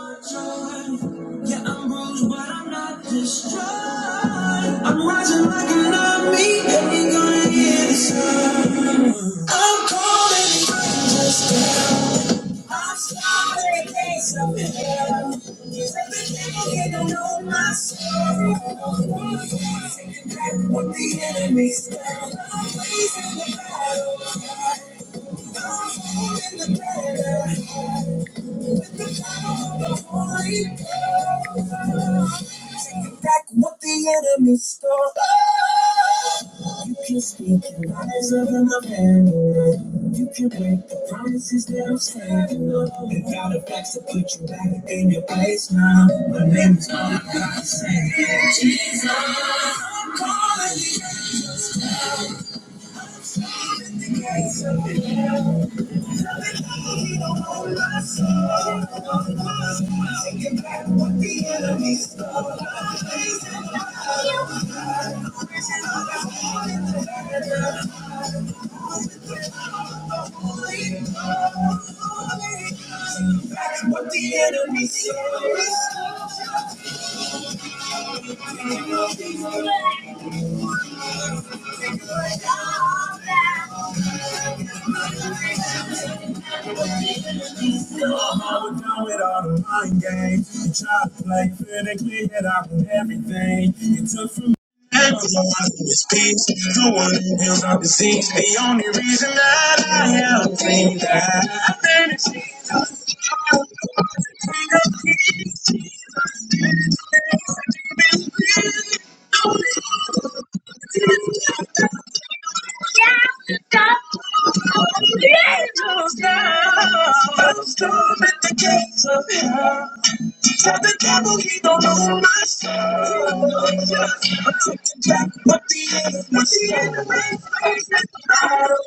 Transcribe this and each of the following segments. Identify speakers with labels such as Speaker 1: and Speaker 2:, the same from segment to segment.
Speaker 1: Yeah, I'm bruised, but I'm not destroyed. I'm rising like an army, and we gonna hear the sound. I'm calling. I'm sorry, can't stop it. Cause every day I don't know my myself. Taking back what the enemy's done. I'm raising the battle. I'm holding the banner. take back what the enemy stole. You can speak your lies of an abandonment. You can break the promises that I'm standing on. You got a facts to put you back in your place now. My name is all I gotta say. Jesus, I'm calling you. What the enemy saw. Head for the one who speaks, the one who heals our disease, the only reason that I am clean. that The angels now storm at the gates of hell. Tell the devil he don't know my soul. Just a tick to back, but the end, but the end,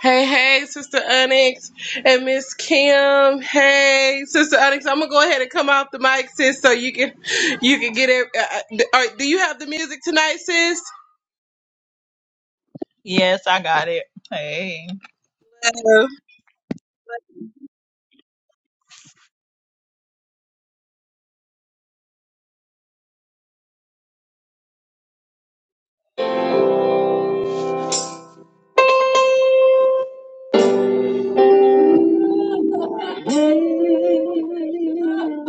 Speaker 1: Hey, hey, Sister Onyx and Miss Kim. Hey, Sister Onyx, I'm gonna go ahead and come off the mic, sis, so you can you can get it. Uh, uh, do you have the music tonight, sis?
Speaker 2: Oh,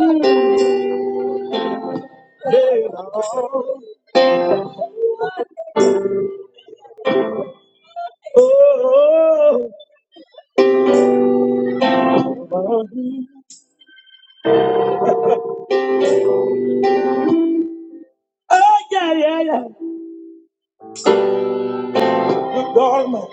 Speaker 2: oh, yeah, yeah, yeah. Good God, man.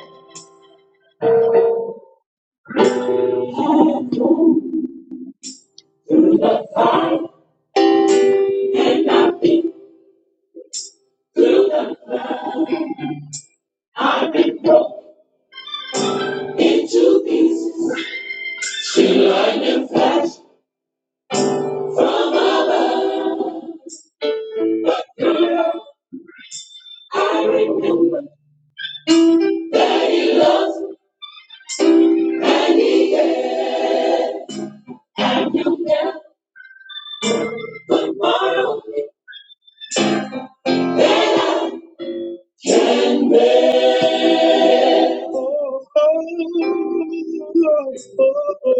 Speaker 2: Oh, oh, oh, oh,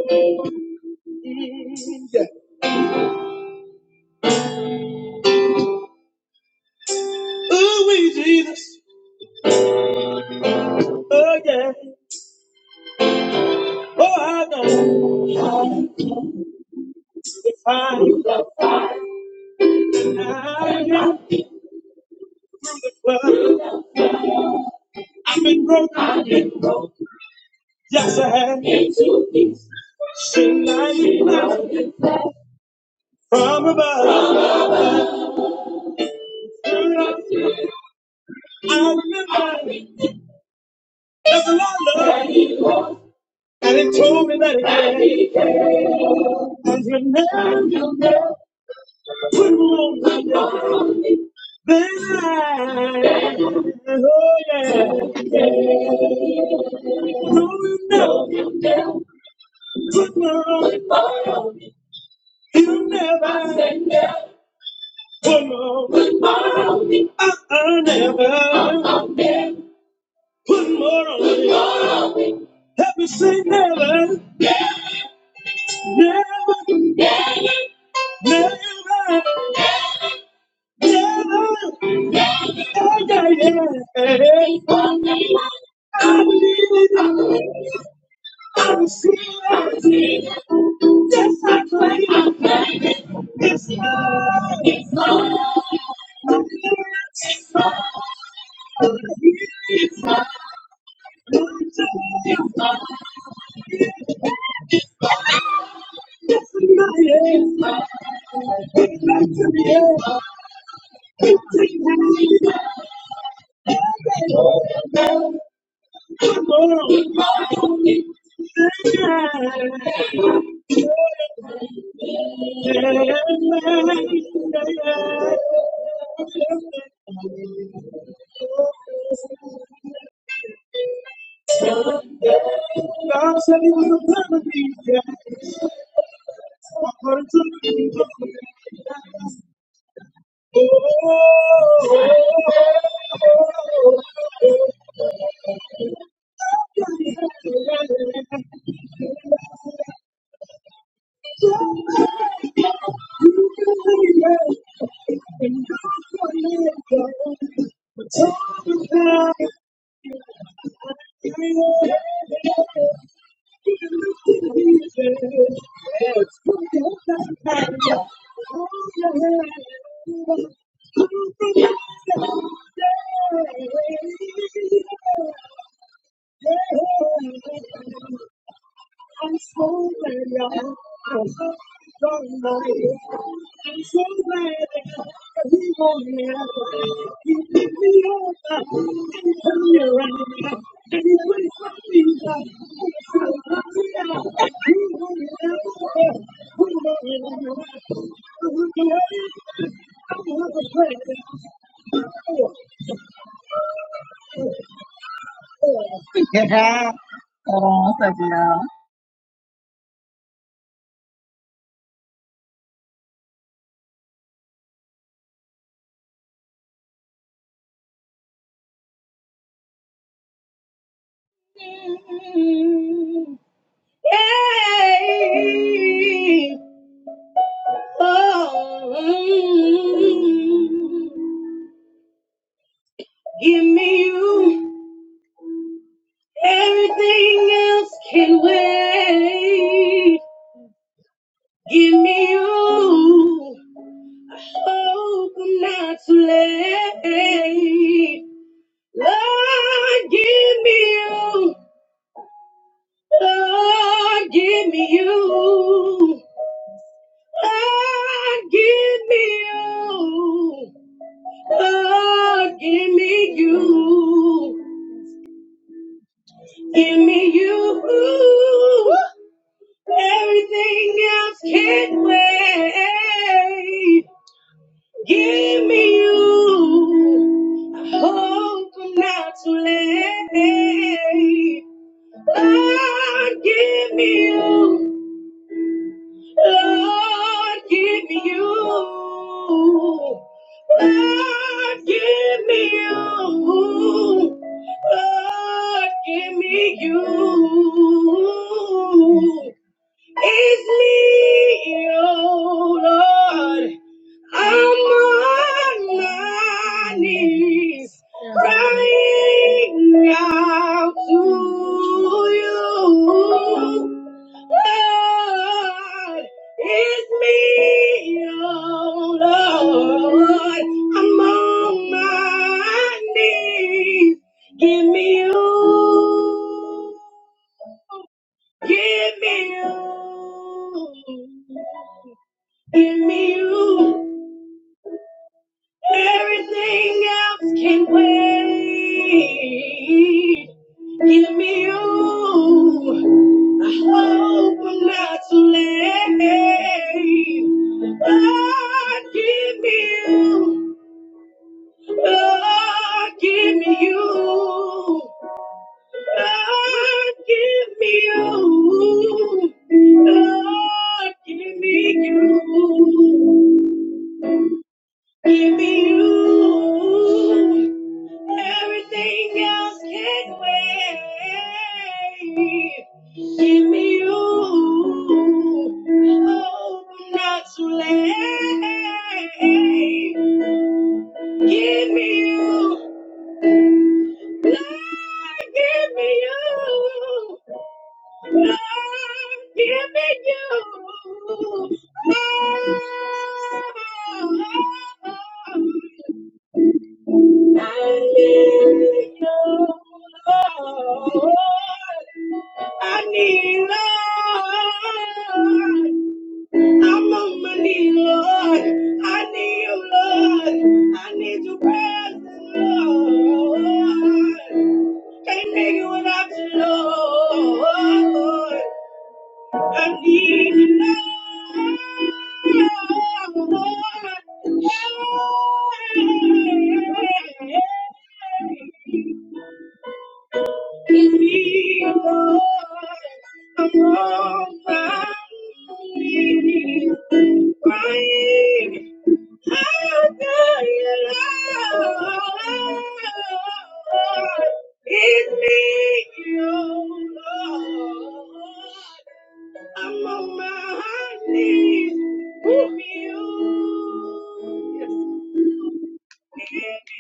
Speaker 2: yeah. oh, we Jesus. Oh, yeah. Oh, I know. If I, knew that I am from the club, I've been broken. Yes, I have. Seen like now from above. I remember that the Lord loved and it told me that it cared. And He never put on me. Then I, oh yeah, no, you never put more on me. You never put more on me. I I never put more on me. Help me Never, never, never. Yeah. Thank you. I'm so glad I'm done I'm so glad that he won't He picked me up and turned me around and he put his feet up so happy He won't have He won't have I will glad I will have a prayer. Oh. Yay! Oh, give me you. Everything else can wait. Give me you. Oh, come not too late. Lord, give me you. Lord, give me you. Lord, give me you. Lord, give me you. Give me you. Everything else can not wait. Give me you. Hope I'm not too late. Lord, give me you. Lord, give me you. Lord, give me you. Lord, give me you. It's me, oh Lord. I'm on my knees, crying out to you. Lord, it's me, oh Lord. I'm on my knees. Give me you. Give me you. Give me you. Everything else can wait. Give me you. I hope I'm not too late. Lord, give me you. Lord, give me you. Lord, give me you. Lord, give me you. Give me you. Everything else can wait. Give me you. Oh, I'm not too late. Give me you. Lord, give me you. giving you all. I need Lord. I'm on my knees, Lord. I need you, Lord. I need your presence, Lord. Can't make it without you, Lord. I need you now, Lord. Give me, a Lord, I'm all I need. Crying I'm on my knees with you. Yes.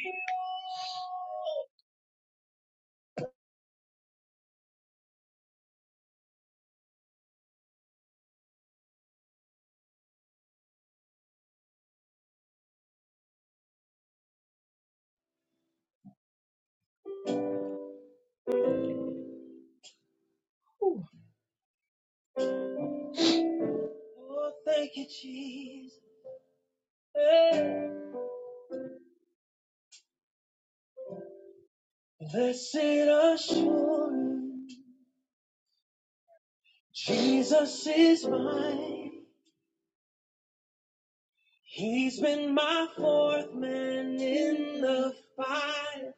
Speaker 2: Oh, thank you, Jesus. Blessed assurance, Jesus is mine. He's been my fourth man in the fire,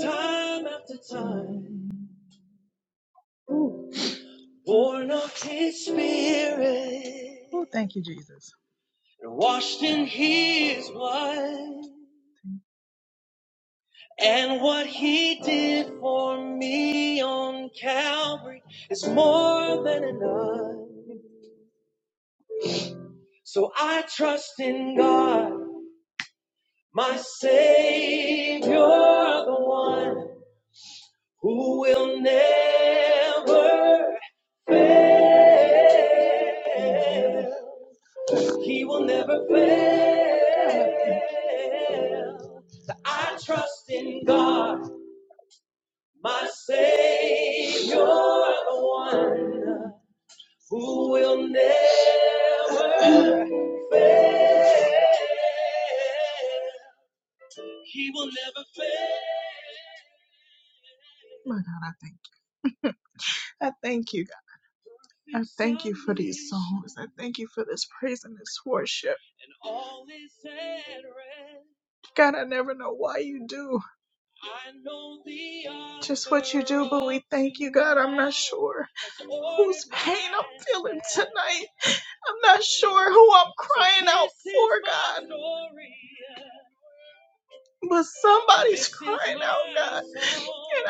Speaker 2: time after time, born of his spirit, and washed in his blood. And what he did for me on Calvary is more than enough. So I trust in God, my Savior, the one. who will never fail. He will never fail. So I trust in God, my Savior, the one who will never fail. He will never fail. God. And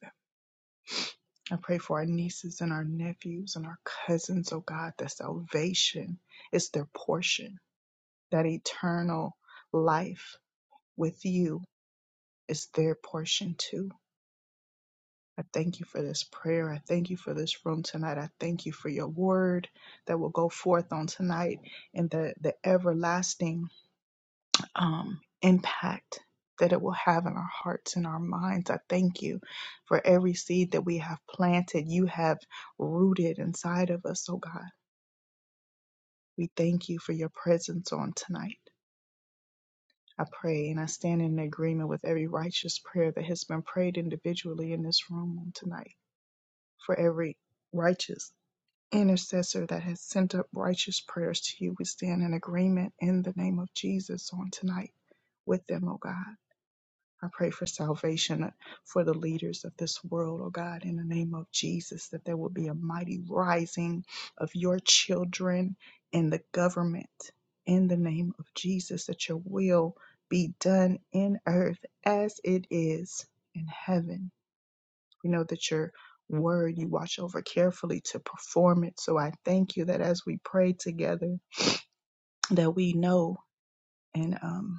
Speaker 2: them. I pray for our nieces and our nephews and our cousins, oh God, that salvation is their portion, that eternal life with you is their portion too. I thank you for this prayer. I thank you for this room tonight. I thank you for your word that will go forth on tonight and the, the everlasting um, impact that it will have in our hearts and our minds. I thank you for every seed that we have planted, you have rooted inside of us, oh God. We thank you for your presence on tonight. I pray and I stand in agreement with every righteous prayer that has been prayed individually in this room on tonight. For every righteous intercessor that has sent up righteous prayers to you, we stand in agreement in the name of Jesus on tonight with them, oh God. I pray for salvation for the leaders of this world, oh God, in the name of Jesus, that there will be a mighty rising of your children in the government, in the name of Jesus, that your will be done in earth as it is in heaven. We know that your word you watch over carefully to perform it. So I thank you that as we pray together, that we know. And um,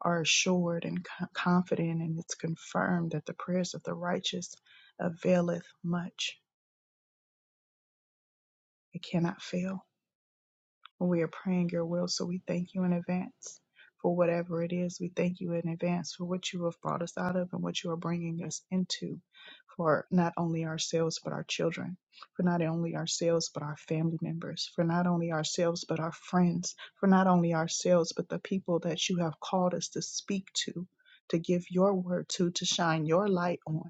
Speaker 2: are assured and co- confident, and it's confirmed that the prayers of the righteous availeth much. It cannot fail. when we are praying your will. So we thank you in advance for whatever it is. We thank you in advance for what you have brought us out of and what you are bringing us into for not only ourselves, but our children, for not only ourselves, but our family members, for not only ourselves, but our friends, for not only ourselves, but the people that you have called us to speak to. To give your word to, to shine your light on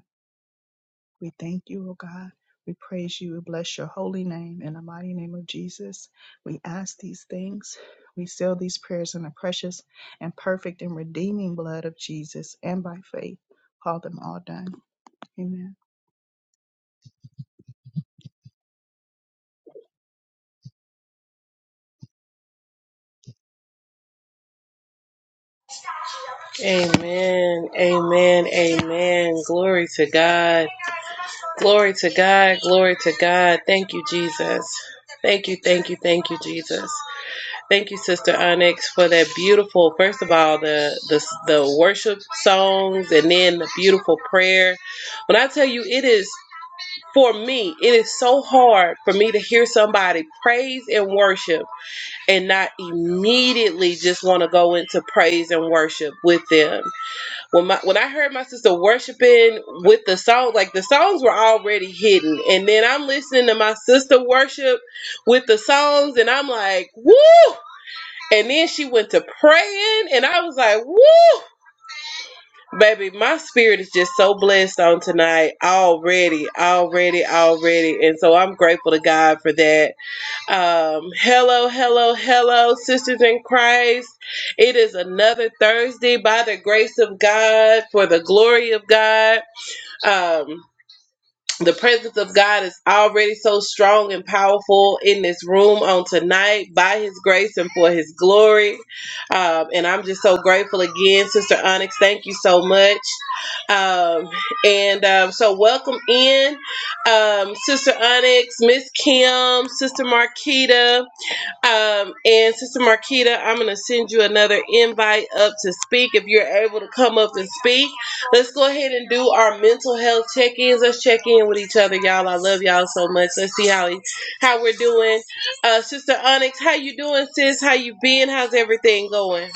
Speaker 2: we thank you, O God. We praise you. We bless your holy name in the mighty name of Jesus. We ask these things. We seal these prayers in the precious and perfect and redeeming blood of Jesus and by faith. Call them all done. Amen.
Speaker 1: Amen. Amen. Amen. Glory to God. Glory to God. Glory to God. Thank you, Jesus. Thank you. Thank you. Thank you, Jesus. Thank you, Sister Onyx, for that beautiful. First of all, the the the worship songs, and then the beautiful prayer. When I tell you, it is for me. It is so hard for me to hear somebody praise and worship, and not immediately just want to go into praise and worship with them. When my when I heard my sister worshiping with the song, like the songs were already hidden, and then I'm listening to my sister worship with the songs, and I'm like, woo! And then she went to praying, and I was like, woo! Baby, my spirit is just so blessed on tonight already, already, already. And so I'm grateful to God for that. Um, hello, hello, hello, sisters in Christ. It is another Thursday by the grace of God, for the glory of God. Um, the presence of God is already so strong and powerful in this room on tonight by His grace and for His glory. Um, and I'm just so grateful again, Sister Onyx. Thank you so much. Um, and um, so, welcome in, um, Sister Onyx, Miss Kim, Sister Marquita. Um, and Sister Marquita, I'm going to send you another invite up to speak if you're able to come up and speak. Let's go ahead and do our mental health check ins. Let's check in with each other, y'all. I love y'all so much. Let's see how how we're doing. Uh, Sister Onyx, how you doing, sis? How you been? How's everything going?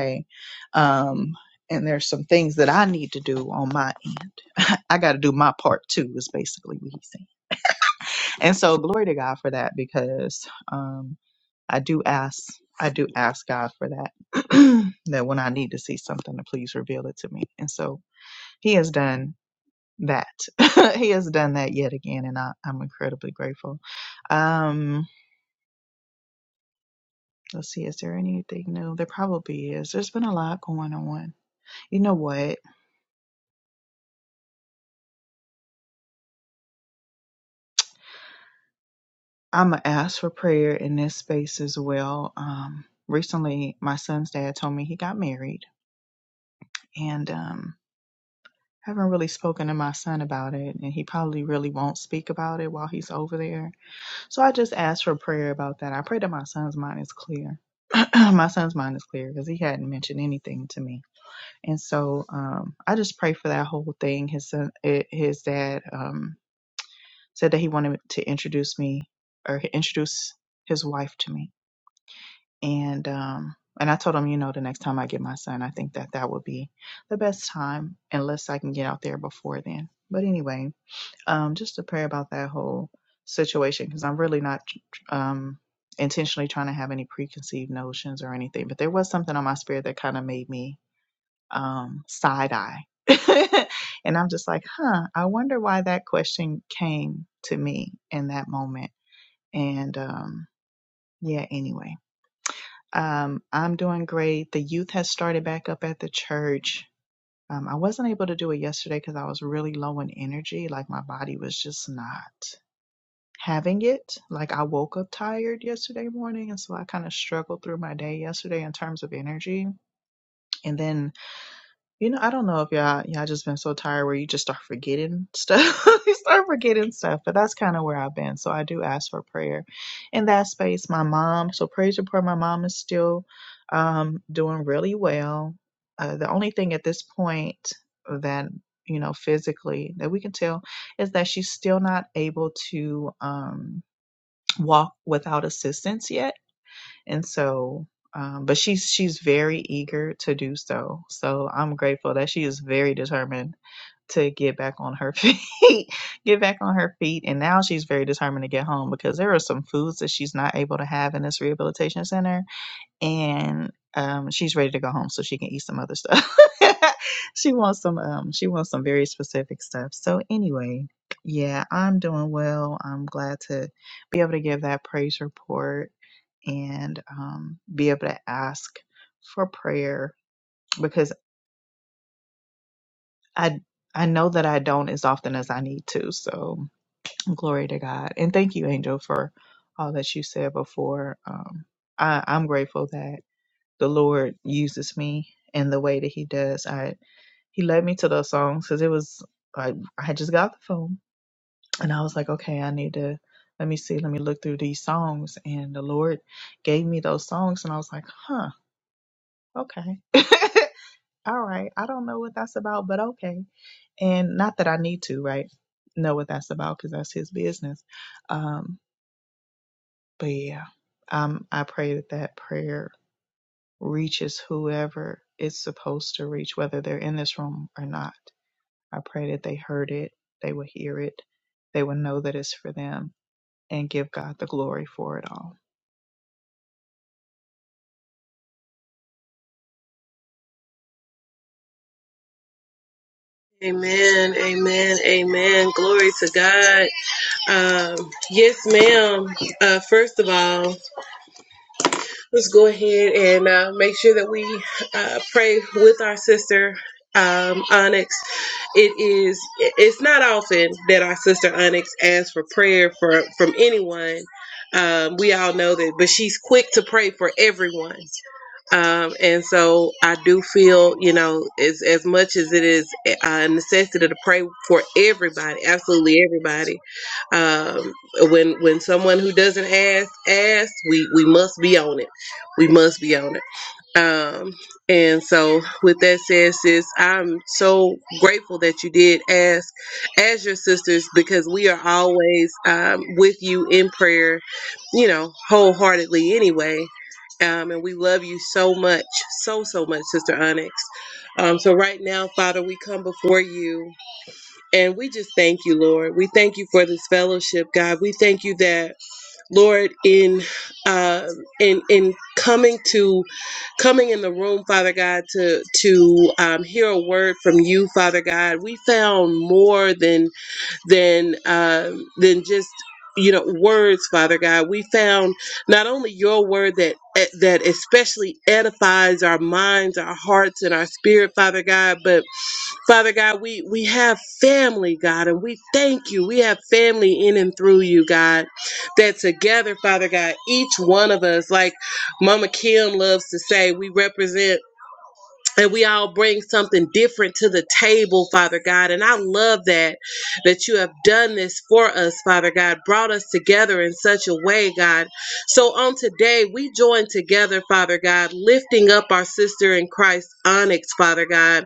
Speaker 2: Okay, my I got this. I'm gonna ask for prayer in this space as well. Um, recently, my son's dad told me he got married, and um, haven't really spoken to my son about it, and he probably really won't speak about it while he's over there So I just asked for prayer about that. I pray that my son's mind is clear. my son's mind is clear because he hadn't mentioned anything to me. And so um, I just pray for that whole thing. His son, eh, his dad um, said that he wanted to introduce me or introduce his wife to me. And um, and I told him, you know, the next time I get my son, I think that that would be the best time, unless I can get out there before then. But anyway, um, just to pray about that whole situation because I'm really not um, intentionally trying to have any preconceived notions or anything. But there was something on my spirit that kind of made me um, side eye for and um, be able to ask for prayer because I I know that I don't as often as I need to. So glory to God and thank you, Angel, for all that you said before. Um, I, I'm grateful that the Lord uses me in the way that He does. I he led me to those songs because it was I I had just got the phone and I was like, okay, I need to let me see, let me look through these songs. And the Lord gave me those songs and I was like, huh, okay, all right. I don't know what that's about, but okay. And not that I need to, right? Know what that's about because that's his business. Um, but yeah, um, I pray that that prayer reaches whoever it's supposed to reach, whether they're in this room or not. I pray that they heard it, they will hear it, they will know that it's for them and give God the glory for it all.
Speaker 1: Amen, amen, amen. Glory to God. Um, yes, ma'am. Uh, first of all, let's go ahead and uh, make sure that we uh, pray with our sister um, Onyx. It is it's not often that our sister Onyx asks for prayer for from anyone. Um, we all know that, but she's quick to pray for everyone. Um, and so I do feel, you know, as as much as it is a necessity to pray for everybody, absolutely everybody. Um, when when someone who doesn't ask asks, we we must be on it we must be on it. Um, and so with that said, sis, I'm so grateful that you did ask as your sisters because we are always um, with you in prayer, you know, wholeheartedly anyway. Um, and we love you so much, so, so much, Sister Onyx. Um, so, right now, Father, we come before you and we just thank you, Lord. We thank you for this fellowship, God. We thank you that, Lord, in uh, in in coming to coming in the room, Father God, to to um, hear a word from you, Father God. We found more than than um, than just you know words father god we found not only your word that eh, that especially edifies our minds our hearts and our spirit father god but Father God, we, we have family, God, and we thank you. We have family in and through you, God, that together, Father God, each one of us, like Mama Kim loves to say, we represent and we all bring something different to the table, Father God. And I love that that you have done this for us, Father God, brought us together in such a way, God. So on today, we join together, Father God, lifting up our sister in Christ, Onyx, Father God,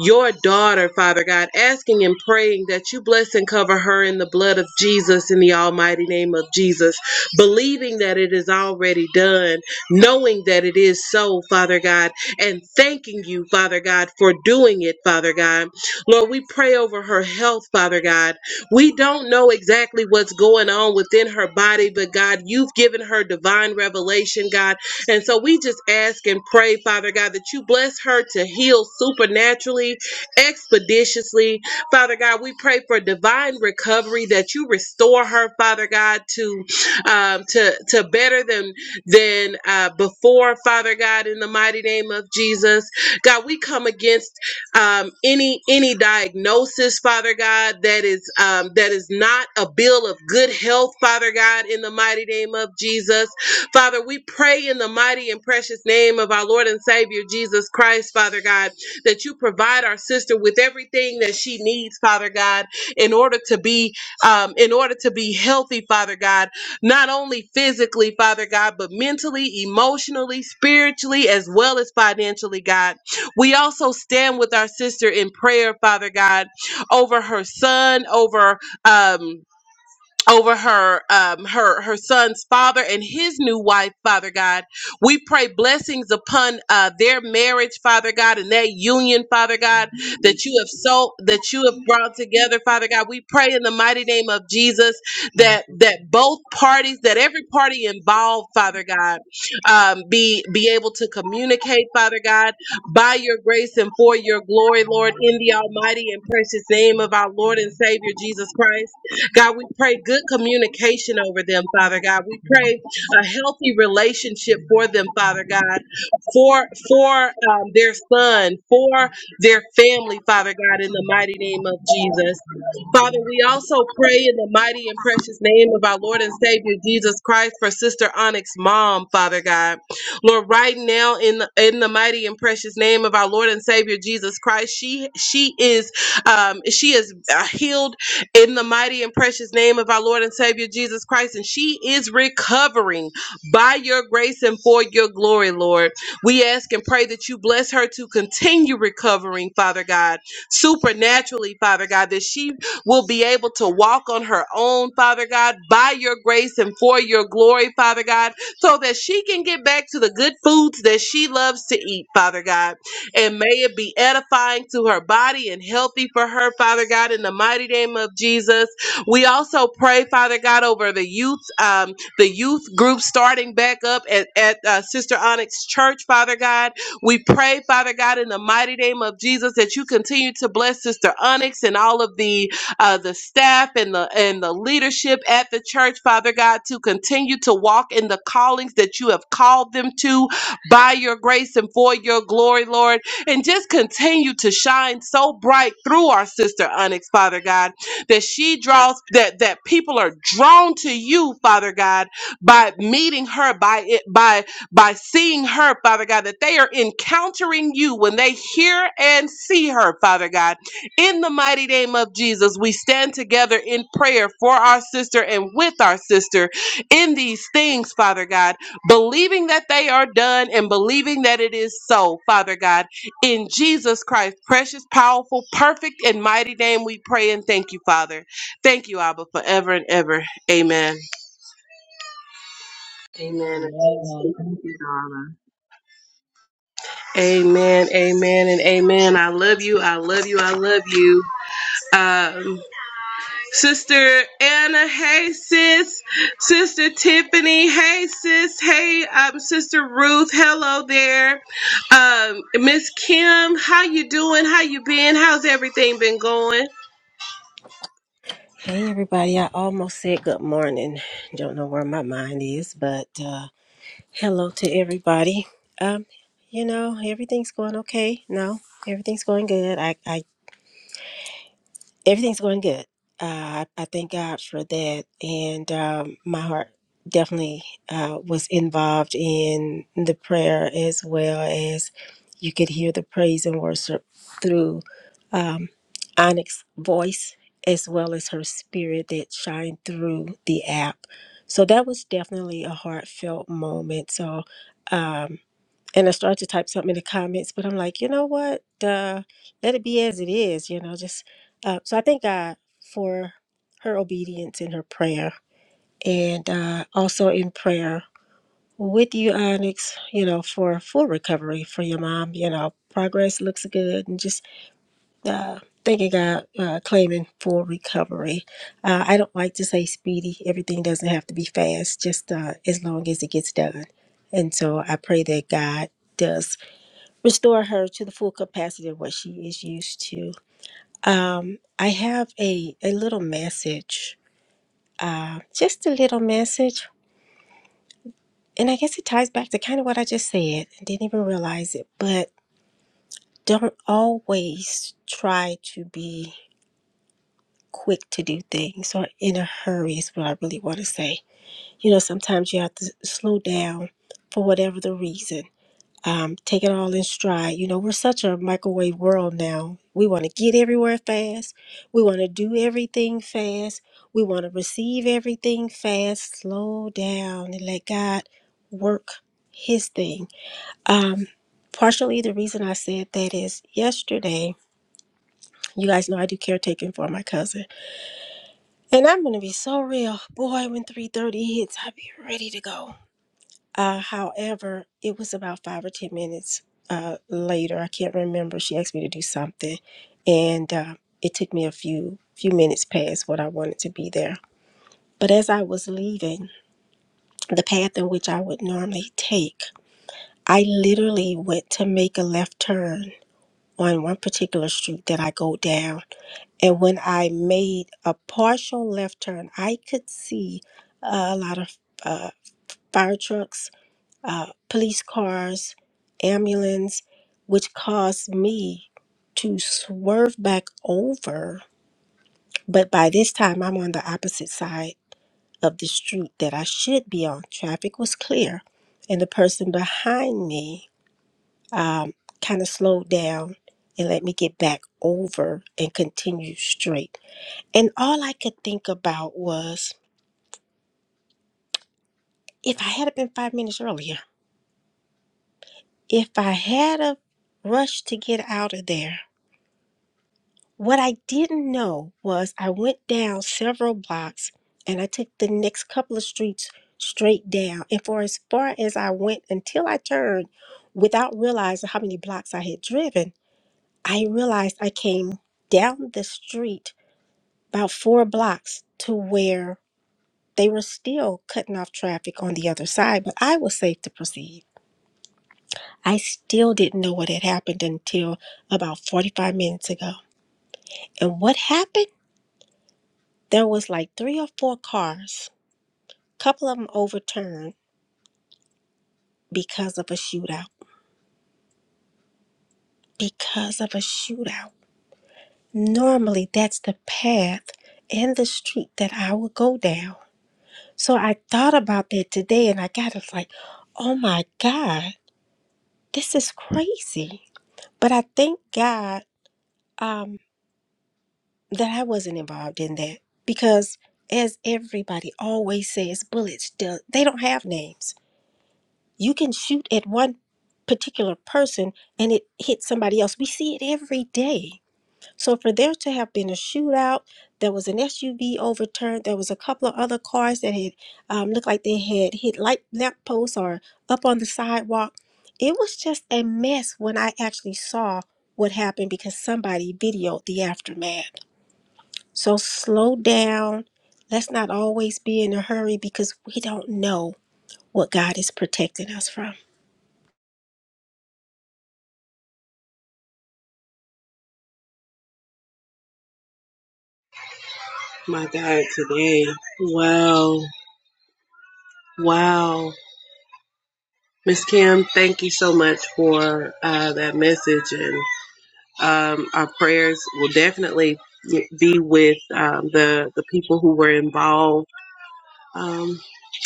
Speaker 1: your daughter, Father God, asking and praying that you bless and cover her in the blood of Jesus, in the almighty name of Jesus, believing that it is already done, knowing that it is so, Father God and thanking you, Father God, for doing it, Father God. Lord, we pray over her health, Father God. We don't know exactly what's going on within her body, but God, you've given her divine revelation, God. And so we just ask and pray, Father God, that you bless her to heal supernaturally, expeditiously. Father God, we pray for divine recovery, that you restore her, Father God, to um, to to better than than uh, before, Father God, in the mighty name of Jesus. God, we come against um, any any diagnosis, Father God, that is um, that is not a bill of good health, Father God, in the mighty name of Jesus. Father, we pray in the mighty and precious name of our Lord and Savior Jesus Christ, Father God, that you provide our sister with everything that she needs, Father God, in order to be um, in order to be healthy, Father God not only physically, Father God, but mentally, emotionally, spiritually, as well as financially, God. We also stand with our sister in prayer, Father God, over her son, over um over her um her her son's father and his new wife father god we pray blessings upon uh their marriage father god and that union father god that you have so that you have brought together father god we pray in the mighty name of jesus that that both parties that every party involved father god um be be able to communicate father god by your grace and for your glory lord in the almighty and precious name of our lord and savior jesus christ God, we pray good communication over them, Father God. We pray a healthy relationship for them, Father God, for for um, their son, for their family, Father God, in the mighty name of Jesus. Father, we also pray in the mighty and precious name of our Lord and Savior Jesus Christ for Sister Onyx's mom, Father God. Lord, right now in the, in the mighty and precious name of our Lord and Savior Jesus Christ, she she is um, she is uh, healed in the mighty and precious name of our Lord and Savior Jesus Christ. And she is recovering by your grace and for your glory, Lord. We ask and pray that you bless her to continue recovering, Father God, supernaturally, Father God, that she will be able to walk on her own, Father God, by your grace and for your glory, Father God, so that she can get back to the good foods that she loves to eat, Father God and may it be edifying to her body and healthy for her, Father God, in the mighty name of Jesus. We also pray, Father God, over the youth, um, the youth group starting back up at, at uh, Sister Onyx Church, Father God. We pray, Father God, in the mighty name of Jesus, that you continue to bless Sister Onyx and all of the uh, the staff and the and the leadership at the church, Father God, to continue to walk in the callings that you have called them to by your grace and for your glory, Lord and just continue to shine so bright through our sister Onyx, Father God, that she draws that that people are drawn to you, Father God, by meeting her, by it, by by seeing her, Father God, that they are encountering you when they hear and see her, Father God. In the mighty name of Jesus, we stand together in prayer for our sister and with our sister in these things, Father God believing that they are done and believing that it is so, Father God. In Jesus Christ, precious, powerful, perfect, and mighty name, we pray and thank you, Father. Thank you, Abba, forever and ever. Amen. Amen. Amen. Amen. Amen. And amen. I love you. I love you. I love you. Um, Sister Anna, hey sis. Sister Tiffany, hey sis. Hey, um, Sister Ruth, hello there. Um, Miss Kim, how you doing? How you been? How's everything been going?
Speaker 3: Hey everybody, I almost said good morning. Don't know where my mind is, but uh hello to everybody. Um you know, everything's going okay. No, everything's going good. I I Everything's going good. Uh, I, I thank God for that. And um, my heart definitely uh, was involved in the prayer as well as you could hear the praise and worship through um, Onyx's voice as well as her spirit that shined through the app. So that was definitely a heartfelt moment. So, um, and I started to type something in the comments, but I'm like, you know what? Duh, let it be as it is, you know, just uh, so I thank God for her obedience in her prayer and uh, also in prayer with you, Onyx, you know, for full recovery for your mom. You know, progress looks good and just uh, thanking God, uh, claiming full recovery. Uh, I don't like to say speedy, everything doesn't have to be fast, just uh, as long as it gets done. And so I pray that God does restore her to the full capacity of what she is used to. Um, I have a, a little message, uh, just a little message. And I guess it ties back to kind of what I just said. I didn't even realize it, but don't always try to be quick to do things or in a hurry, is what I really want to say. You know, sometimes you have to slow down for whatever the reason. um, take it all in stride. You know, we're such a microwave world now. We want to get everywhere fast. We want to do everything fast. We want to receive everything fast. Slow down and let God work His thing. Um, partially, the reason I said that is yesterday. You guys know I do caretaking for my cousin, and I'm gonna be so real, boy. When 3:30 hits, I be ready to go. Uh, however, it was about five or 10 minutes uh, later. I can't remember. She asked me to do something, and uh, it took me a few few minutes past what I wanted to be there. But as I was leaving the path in which I would normally take, I literally went to make a left turn on one particular street that I go down. And when I made a partial left turn, I could see uh, a lot of uh, fire trucks uh, police cars, ambulance, which caused me to swerve back over. But by this time, I'm on the opposite side of the street that I should be on. Traffic was clear, and the person behind me um, kind of slowed down and let me get back over and continue straight. And all I could think about was if I had been five minutes earlier, if I had a rushed to get out of there, What I didn't know was I went down several blocks and I took the next couple of streets straight down. And for as far as I went until I turned, without realizing how many blocks I had driven, I realized I came down the street about four blocks to where they were still cutting off traffic on the other side, but I was safe to proceed. I still didn't know what had happened until about 45 minutes ago. And what happened? There was like three or four cars, couple of them overturned because of a shootout. Because of a shootout. Normally, that's the path and the street that I would go down. So I thought about that today and I got it's like, oh my God, this is crazy. But I thank God um, that I wasn't involved in that because, as everybody always says, bullets, do, they don't have names you can shoot at one particular person and it hits somebody else. We see it every day. So for there to have been a shootout, there was an SUV overturned. There was a couple of other cars that had um, looked like they had hit light lamp posts or up on the sidewalk. It was just a mess when I actually saw what happened because somebody videoed the aftermath. So slow down. Let's not always be in a hurry because we don't know what God is protecting us from.
Speaker 1: My God, today. Wow. Wow. Miss Kim, thank you so much for uh, that message. And um, our prayers will definitely be with um, the, the people who were involved. Um,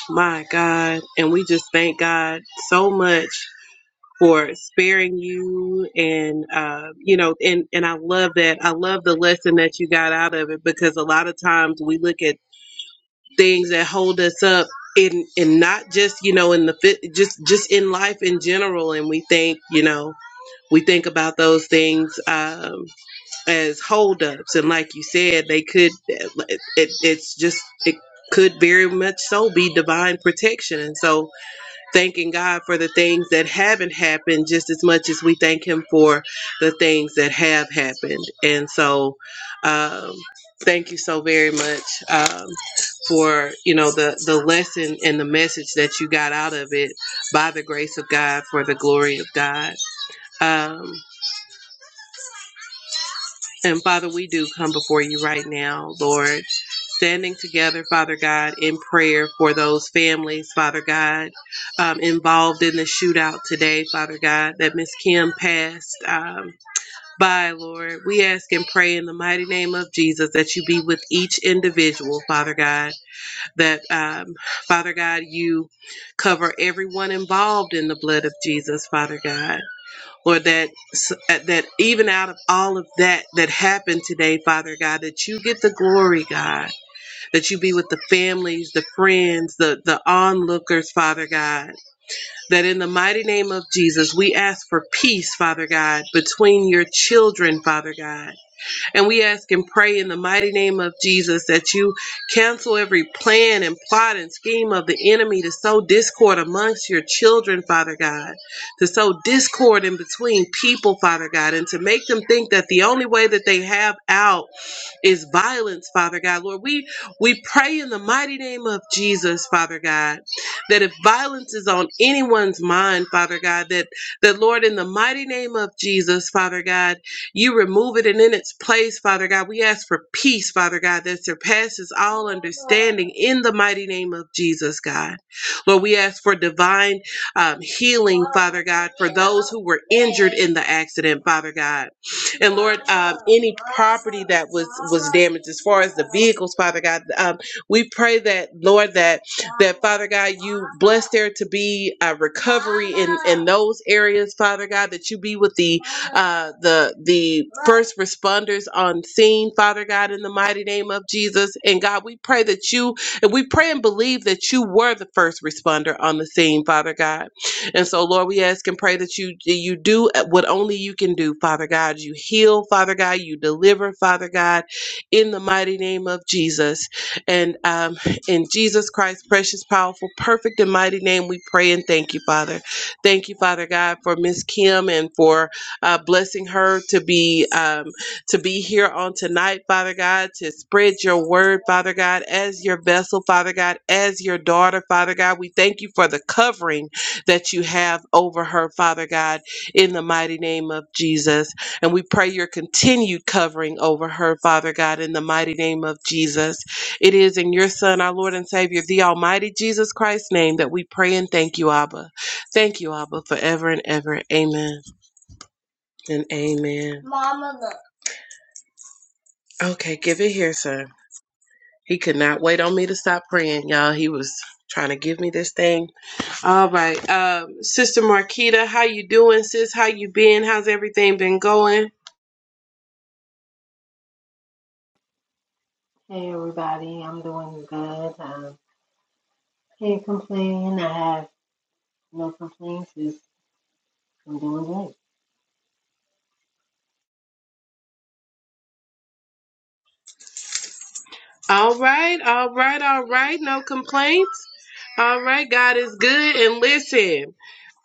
Speaker 1: my God. And we just thank God so much for sparing you and uh, you know and and I love that I love the lesson that you got out of it because a lot of times we look at things that hold us up in and not just you know in the fit just just in life in general and we think you know we think about those things um as holdups and like you said they could it, it's just it could very much so be divine protection and so thanking God for the things that haven't happened just as much as we thank Him for the things that have happened. And so, um, thank you so very much um, for you know the the lesson and the message that you got out of it by the grace of God for the glory of God. Um, and Father, we do come before you right now, Lord, standing together, Father God, in prayer for those families, Father God, um, involved in the shootout today, Father God, that Miss Kim passed um, by, Lord. We ask and pray in the mighty name of Jesus that you be with each individual, Father God, that, um, Father God, you cover everyone involved in the blood of Jesus, Father God or that that even out of all of that that happened today father god that you get the glory god that you be with the families the friends the the onlookers father god that in the mighty name of jesus we ask for peace father god between your children father god and we ask and pray in the mighty name of Jesus that you cancel every plan and plot and scheme of the enemy to sow discord amongst your children, Father God, to sow discord in between people, Father God, and to make them think that the only way that they have out is violence, Father God. Lord, we we pray in the mighty name of Jesus, Father God, that if violence is on anyone's mind, Father God, that that Lord, in the mighty name of Jesus, Father God you remove it and in its place, Father God. We ask for peace, Father God, that surpasses all understanding in the mighty name of Jesus, God. Lord, we ask for divine um, healing, Father God, for those who were injured in the accident, Father God. And Lord, um, any property that was was damaged, as far as the vehicles, Father God, um, we pray that, Lord, that that Father God, you bless there to be a recovery in in those areas, Father God, that you be with the uh the the first responders on scene, Father God, in the mighty name of Jesus. And God, we pray that you and we pray and believe that you were the first responder on the scene, Father God. And so, Lord, we ask and pray that you you do what only you can do, Father God. You heal, Father God. You deliver, Father God, in the mighty name of Jesus. And um, in Jesus Christ's precious, powerful, perfect, and mighty name, we pray and thank you, Father. Thank you, Father God, for Miss Kim and for uh, blessing her to be um, to be here on tonight, Father God, to spread your word, Father God, as your vessel, Father God, as your daughter, Father God. We thank you for the covering that you have over her, Father God, in the mighty name of Jesus. And we pray your continued covering over her, Father God, in the mighty name of Jesus. It is in your Son, our Lord and Savior, the Almighty Jesus Christ's name that we pray and thank you, Abba. Thank you, Abba, forever and ever. Amen and amen. Okay, give it here, sir. He could not wait on me to stop praying, y'all. He was trying to give me this thing All right. Um, Sister Marquita, how you doing, sis? How you been? How's everything been going?
Speaker 4: Hey everybody, I'm doing good. Um, can't complain. I have no complaints. Just I'm doing great.
Speaker 1: All right, all right, all right. No complaints. All right, God is good. And listen,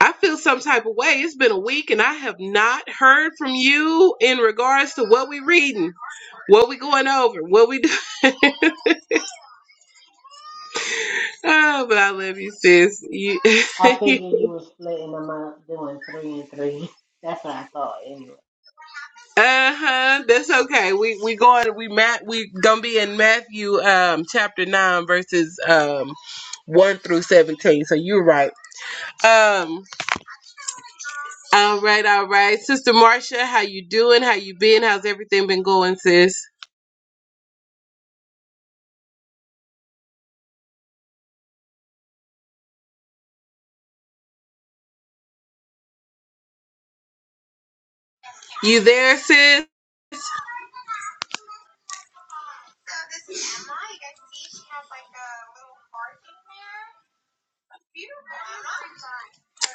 Speaker 1: I feel some type of way. It's been a week and I have not heard from you in regards to what we reading. What we going over? What we doing? oh, but I love you, sis. You,
Speaker 4: I figured you were splitting them up, doing three and three. That's what I thought anyway.
Speaker 1: uh-huh. That's okay. We we going we Matt we gonna be in Matthew um chapter nine verses um one through seventeen. So you're right. Um all right, all right. Sister Marcia, how you doing? How you been? How's everything been going, sis? You there, sis?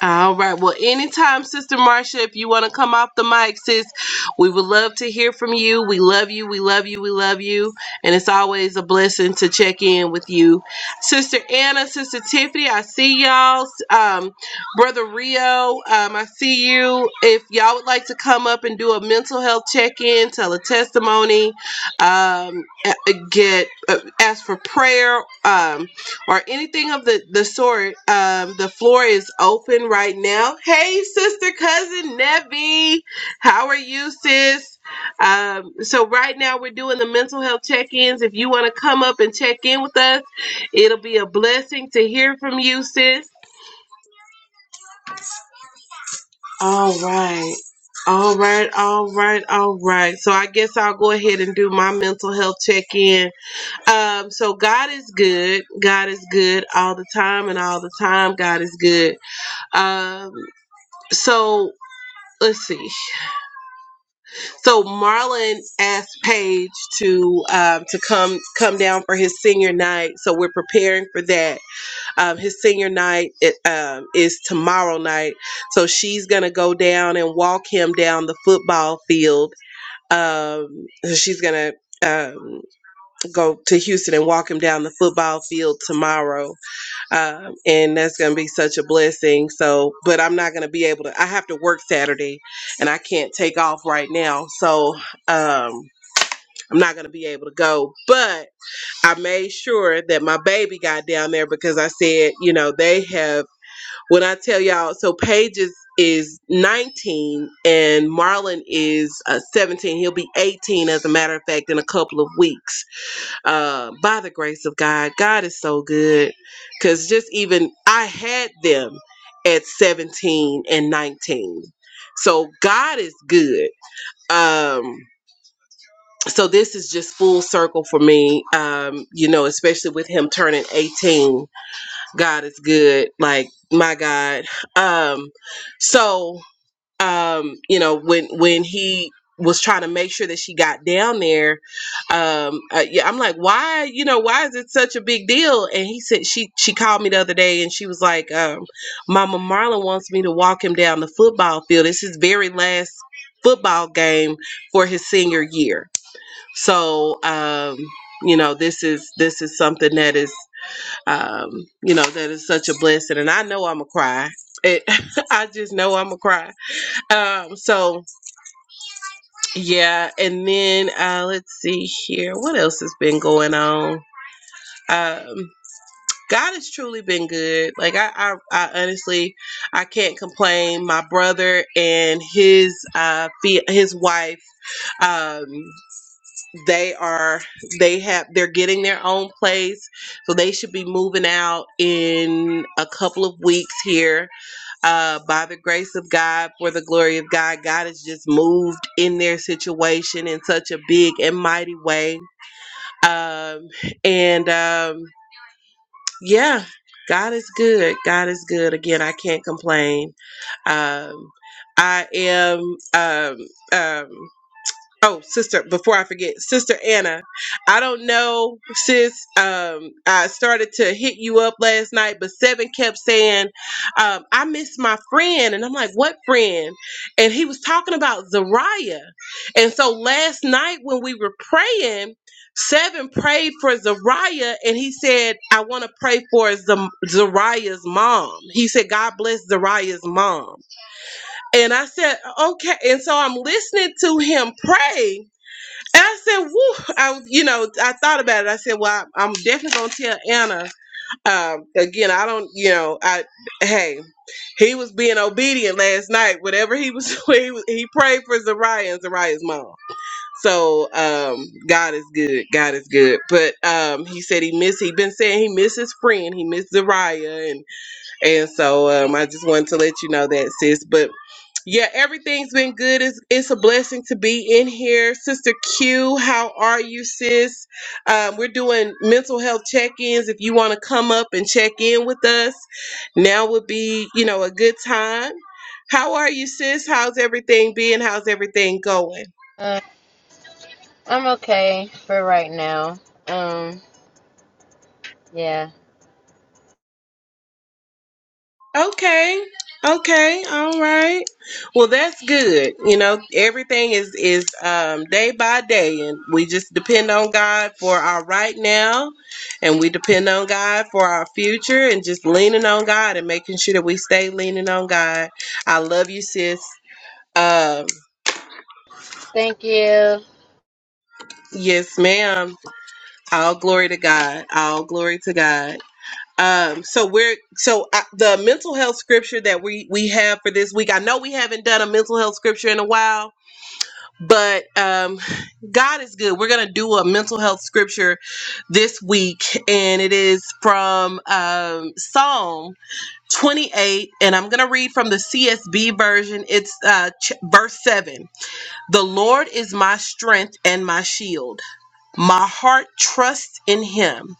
Speaker 1: All right. Well, anytime, Sister Marcia, if you want to come off the mic, sis, we would love to hear from you. We love you. We love you. We love you. And it's always a blessing to check in with you. Sister Anna, Sister Tiffany, I see y'all. Um, Brother Rio, um, I see you. If y'all would like to come up and do a mental health check in, tell a testimony, um, a- get uh, ask for prayer. Um, or anything of the, the sort, um, the floor is open right now. Hey, sister, cousin, Nevi, how are you, sis? Um, so right now we're doing the mental health check-ins. If you want to come up and check in with us, it'll be a blessing to hear from you, sis. All right. All right, all right, all right. So I guess I'll go ahead and do my mental health check-in. Um, so God is good. God is good all the time and all the time. God is good. Um, so let's see. So Marlon asked Paige to um, to come come down for his senior night. So we're preparing for that. Um, his senior night it, um, is tomorrow night. So she's gonna go down and walk him down the football field. Um, so, she's gonna um, go to Houston and walk him down the football field tomorrow. um, and that's going to be such a blessing. So, but I'm not going to be able to. I have to work Saturday, and I can't take off right now, so um, I'm not going to be able to go. But I made sure that my baby got down there because I said, you know, they have. When I tell y'all, so Paige is is 19 and Marlon is uh, 17. He'll be 18, as a matter of fact, in a couple of weeks uh, by the grace of God. God is so good. Because just even I had them at 17 and 19. So God is good. Um, so this is just full circle for me. Um, you know, especially with him turning 18. God is good. Like, my God. Um, so um, you know, when when he was trying to make sure that she got down there, um, uh, yeah, I'm like, why, you know, why is it such a big deal? And he said she she called me the other day and she was like, um, Mama Marlon wants me to walk him down the football field. It's his very last football game for his senior year. So, um, you know, this is this is something that is, um, you know, that is such a blessing, and I know I'm a cry. It, I just know I'm a cry um, so yeah, and then uh let's see here. What else has been going on? Um God has truly been good. Like I, I, I honestly, I can't complain. My brother and his uh, fia- his wife, um, they are, they have, they're getting their own place, so they should be moving out in a couple of weeks here uh, by the grace of God, for the glory of God, God has just moved in their situation in such a big and mighty way. Um, and um, yeah, God is good. God is good. Again, I can't complain. Um, I am. Um, um, Oh, sister, before I forget, sister Anna, I don't know, sis. Um, I started to hit you up last night, but Seven kept saying, um, I miss my friend. And I'm like, what friend? And he was talking about Zariah. And so last night when we were praying, Seven prayed for Zariah and he said, I want to pray for Z- Zariah's mom. He said, God bless Zariah's mom. And I said, okay. And so I'm listening to him pray. And I said, "Woo!" I, you know, I thought about it. I said, "Well, I- I'm definitely gonna tell Anna." Um, again, I don't, you know, I hey, he was being obedient last night. Whatever he was, he, was- he prayed for Zariah and Zariah's mom. So um, God is good. God is good. But um, he said he missed. He been saying he missed his friend. He missed Zariah, and. And so um, I just wanted to let you know that, sis. But yeah, everything's been good. It's, it's a blessing to be in here. Sister Q, how are you, sis? Um, we're doing mental health check ins. If you want to come up and check in with us, now would be, you know, a good time. How are you, sis? How's everything being? How's everything going?
Speaker 5: Uh, I'm okay for right now. Um, yeah.
Speaker 1: Okay. Okay. All right. Well, that's good. You know, everything is is um, day by day, and we just depend on God for our right now, and we depend on God for our future, and just leaning on God and making sure that we stay leaning on God. I love you, sis. Um,
Speaker 5: Thank you.
Speaker 1: yes, ma'am. All glory to God. All glory to God. um so we're so uh, the mental health scripture that we we have for this week i know we haven't done a mental health scripture in a while but um god is good we're gonna do a mental health scripture this week and it is from um psalm 28 and i'm gonna read from the csb version it's uh ch- verse 7 the lord is my strength and my shield my heart trusts in him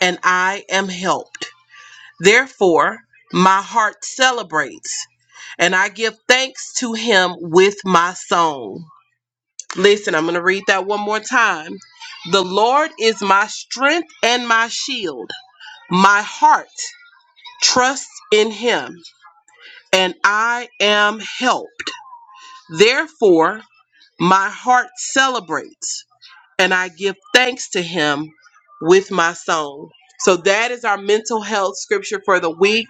Speaker 1: and i am helped Therefore, my heart celebrates, and I give thanks to him with my song. Listen, I'm going to read that one more time. The Lord is my strength and my shield. My heart trusts in him, and I am helped. Therefore, my heart celebrates and I give thanks to him with my song. So that is our mental health scripture for the week.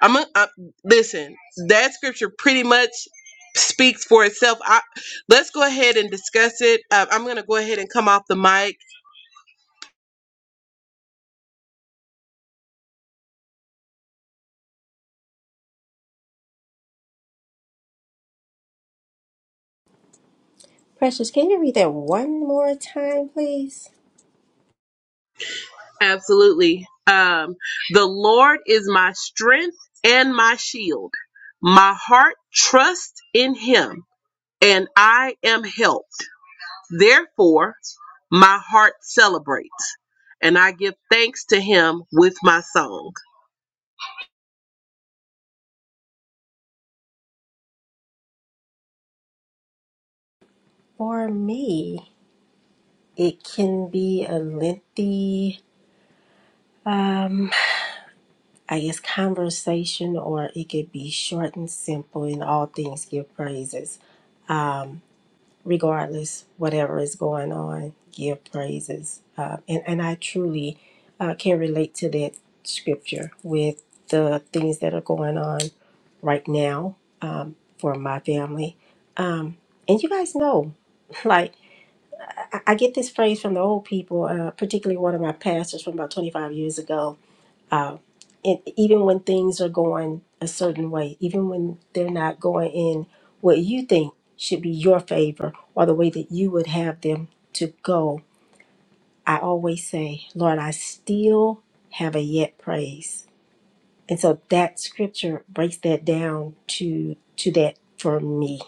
Speaker 1: I'm a, I, listen. That scripture pretty much speaks for itself. I, let's go ahead and discuss it. Uh, I'm going to go ahead and come off the mic.
Speaker 3: Precious, can you read that one more time, please?
Speaker 1: Absolutely. Um, the Lord is my strength and my shield. My heart trusts in Him, and I am helped. Therefore, my heart celebrates, and I give thanks to him with my song.
Speaker 3: For me, it can be a lengthy, um, I guess, conversation, or it could be short and simple. In all things, give praises. Um, regardless whatever is going on give praises uh, and and i truly uh, can relate to that scripture with the things that are going on right now um, for my family um, and you guys know like I, I get this phrase from the old people uh, particularly one of my pastors from about 25 years ago and even when things are going a certain way, even when they're not going in what you think should be your favor or the way that you would have them to go, I always say, Lord, I still have a yet praise. And so that scripture breaks that down to to that for me.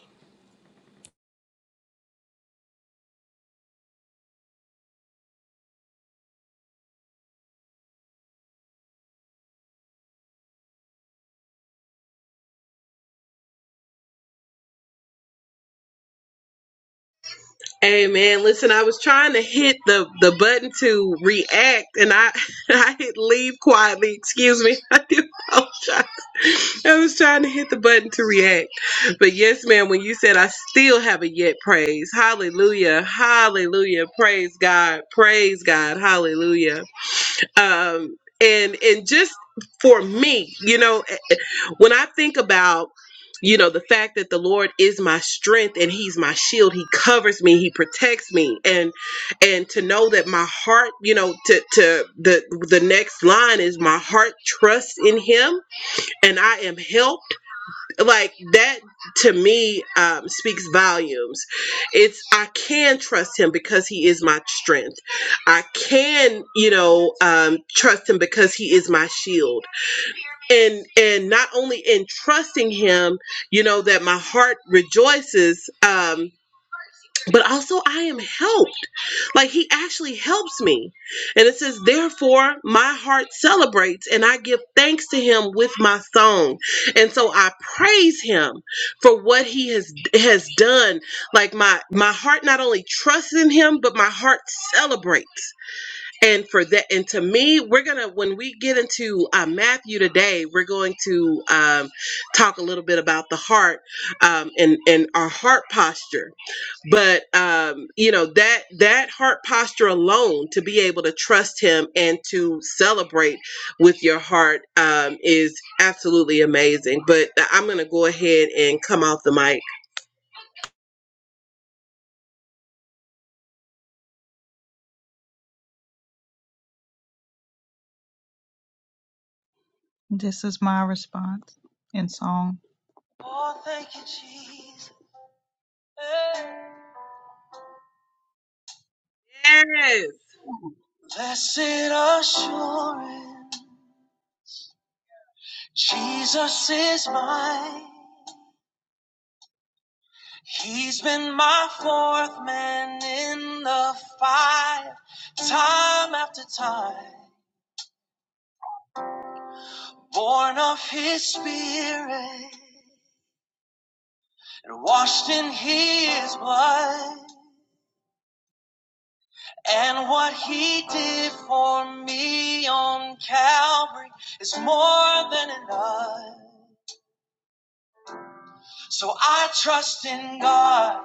Speaker 1: Amen. Listen, I was trying to hit the, the button to react, and I, I hit leave quietly. Excuse me. I do apologize. I was trying to hit the button to react. But yes, ma'am, when you said I still haven't yet praised, hallelujah, hallelujah, praise God, praise God, hallelujah. Um, and and just for me, you know. when I think about, you know, the fact that the Lord is my strength and he's my shield, he covers me, he protects me and and to know that my heart, you know, to to the the next line is my heart trusts in him and I am helped. Like that to me um, speaks volumes. It's I can trust him because he is my strength. I can, you know, um, trust him because he is my shield and and not only in trusting him you know that my heart rejoices um but also i am helped like he actually helps me and it says therefore my heart celebrates and i give thanks to him with my song and so i praise him for what he has has done like my my heart not only trusts in him but my heart celebrates and for that and to me we're gonna when we get into uh, matthew today we're going to um, talk a little bit about the heart um, and and our heart posture but um, you know that that heart posture alone to be able to trust him and to celebrate with your heart um, is absolutely amazing but uh, i'm gonna go ahead and come off the mic yes
Speaker 2: Blessed assurance, Jesus is mine. He's been my fourth man in the fire, time after time, born of his spirit. and washed in his blood. And what he did for me on Calvary is more than enough. So I trust in God,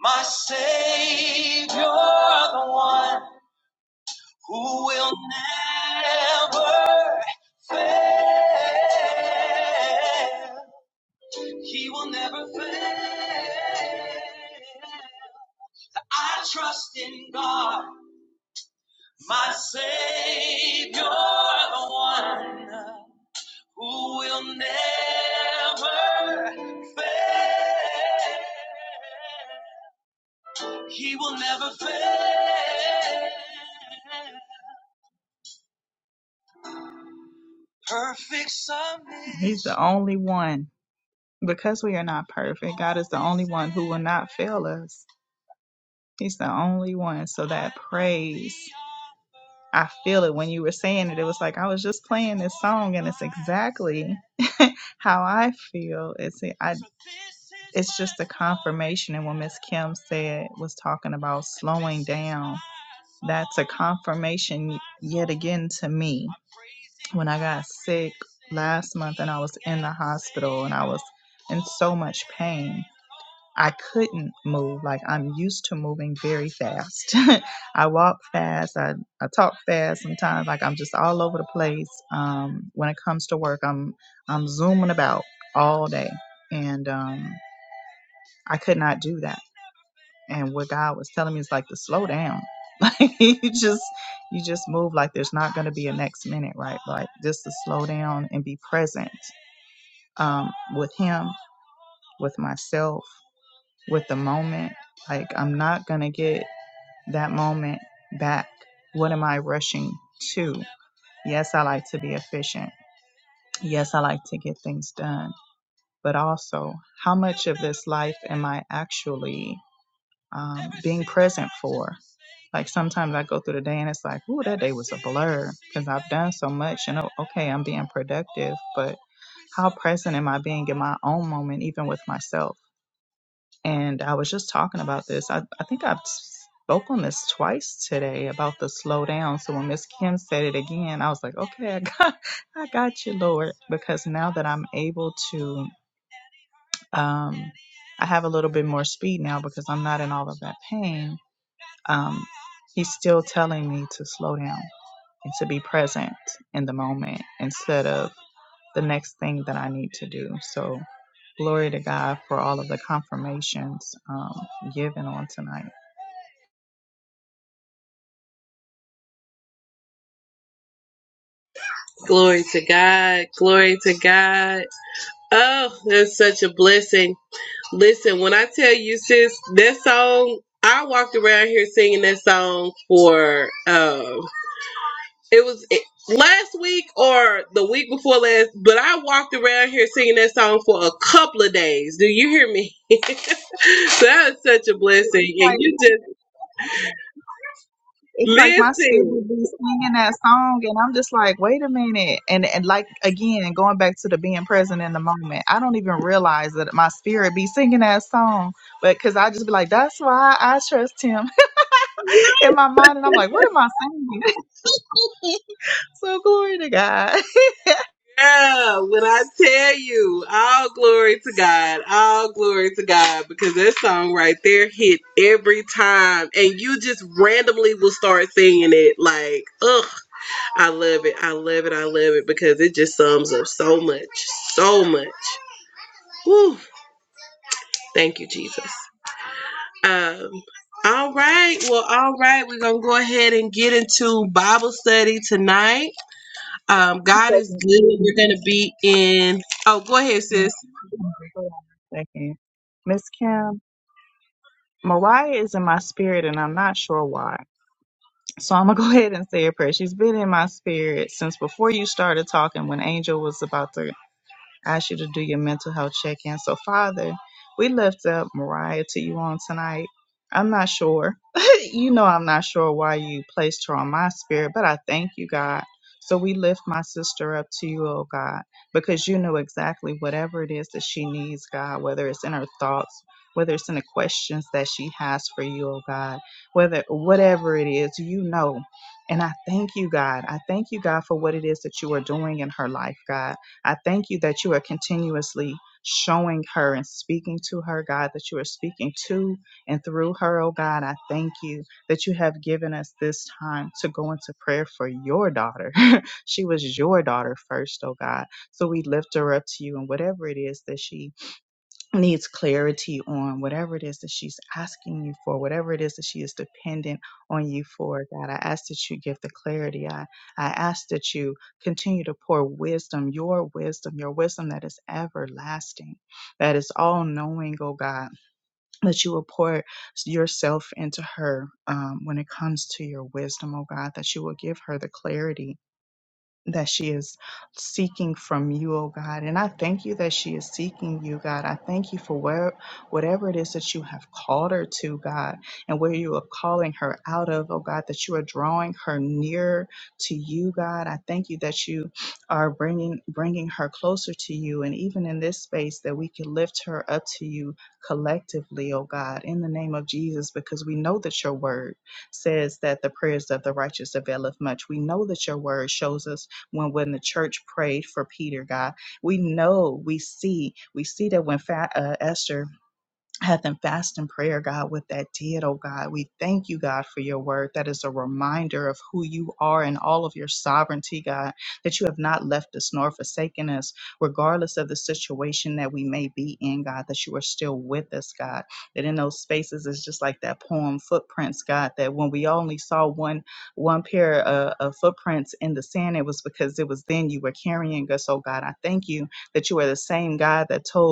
Speaker 2: my Savior, the one who will never fail. He will never fail. I trust in God. My Savior, the one who will never fail. He will never fail. Perfect submission. He's the only one. Because we are not perfect, God is the only one who will not fail us. He's the only one. So that praise, I feel it when you were saying it. It was like I was just playing this song, and it's exactly how I feel is it, I, it's just a confirmation. And when Miss Kim said, was talking about slowing down, that's a confirmation yet again to me. When I got sick last month and I was in the hospital and I was in so much pain, I couldn't move. Like I'm used to moving very fast. I walk fast. I, I talk fast sometimes. Like I'm just all over the place. Um, when it comes to work, I'm I'm zooming about all day, and um, I could not do that. And what God was telling me is like to slow down. Like you just you just move like there's not going to be a next minute, right? Like just to slow down and be present um, with Him, with myself. with the moment. Like, I'm not going to get that moment back. What am I rushing to? Yes, I like to be efficient. Yes, I like to get things done. But also, how much of this life am I actually um, being present for? Like, sometimes I go through the day and it's like, ooh, that day was a blur because I've done so much. And oh, okay, I'm being productive, but how present am I being in my own moment, even with myself? and I was just talking about this. I, I think I've spoke on this twice today about the slow down. So when Miss Kim said it again, I was like, okay, I got, I got you, Lord. But I'm to um, eat now because I'm not in all of that pain. Um, he still to me to slow down and to be present in the moment instead of the next thing that I need to do. So glory to God for all of the confirmations um, given on tonight.
Speaker 1: glory to god glory to god oh that's such a blessing Listen, when I tell you, sis, that song, I walked around here singing that song for, uh, it was it, last week or the week before last, but I walked around here singing that song for a couple of days. Do you hear me? So that was such a blessing. And you just listen. Yeah, when I tell you, all glory to God, all glory to God, because that song right there hit every time, and you just randomly will start singing it. Like, ugh, I love it, I love it, I love it, because it just sums up so much, so much. Whew, thank you, Jesus. Um, all right, well, all right, we're gonna go ahead and get into Bible study tonight. Um, God is good. We're gonna be in. Oh, go ahead, sis.
Speaker 2: And Miss Kim. Mariah is in my spirit, and I'm not sure why. So I'm gonna go ahead and say a prayer. She's been in my spirit since before you started talking, when Angel was about to ask you to do your mental health check in. So, Father, we lift up Mariah to you on tonight. I'm not sure. you know, I'm not sure why you placed her on my spirit, but I thank you, God. So, we lift my sister up to you, oh God, because you know exactly whatever it is that she needs, God, whether it's in her thoughts, whether it's in the questions that she has for you, oh God, whether whatever it is, you know. And I thank you, God. I thank you, God, for what it is that you are doing in her life, God. I thank you that you are continuously showing her and speaking to her, God, that you are speaking to and through her, oh God. I thank you that you have given us this time to go into prayer for your daughter. she was your daughter first, oh God. So we lift her up to you and whatever it is that she needs clarity on whatever it is that she's asking you for, whatever it is that she is dependent on you for, God. I ask that you give the clarity. I, I ask that you continue to pour wisdom, your wisdom, your wisdom that is everlasting, that is all knowing, oh God, that you will pour yourself into her um, when it comes to your wisdom, oh God, that you will give her the clarity that she is seeking from you, oh God. And I thank you that she is seeking you, God. I thank you for where whatever it is that you have called her to, God, and where you are calling her out of, oh God, that you are drawing her nearer to you, God. I thank you that you are bringing bringing her closer to you, and even in this space that we can lift her up to you collectively, oh God, in the name of Jesus, because we know that your word says that the prayers of the righteous availeth much. We know that your word shows us when when the church prayed for Peter, God. We know, we see, we see that when fa- uh, Esther health and fast and prayer, God, what that did, oh God. We thank you, God, for your word. That is a reminder of who you are and all of your sovereignty, God, that you have not left us nor forsaken us, regardless of the situation that we may be in, God, that you are still with us, God. That in those spaces it's just like that poem footprints, God, that when we only saw one one pair of, of footprints in the sand, it was because it was then you were carrying us, oh God. I thank you that you are the same God that told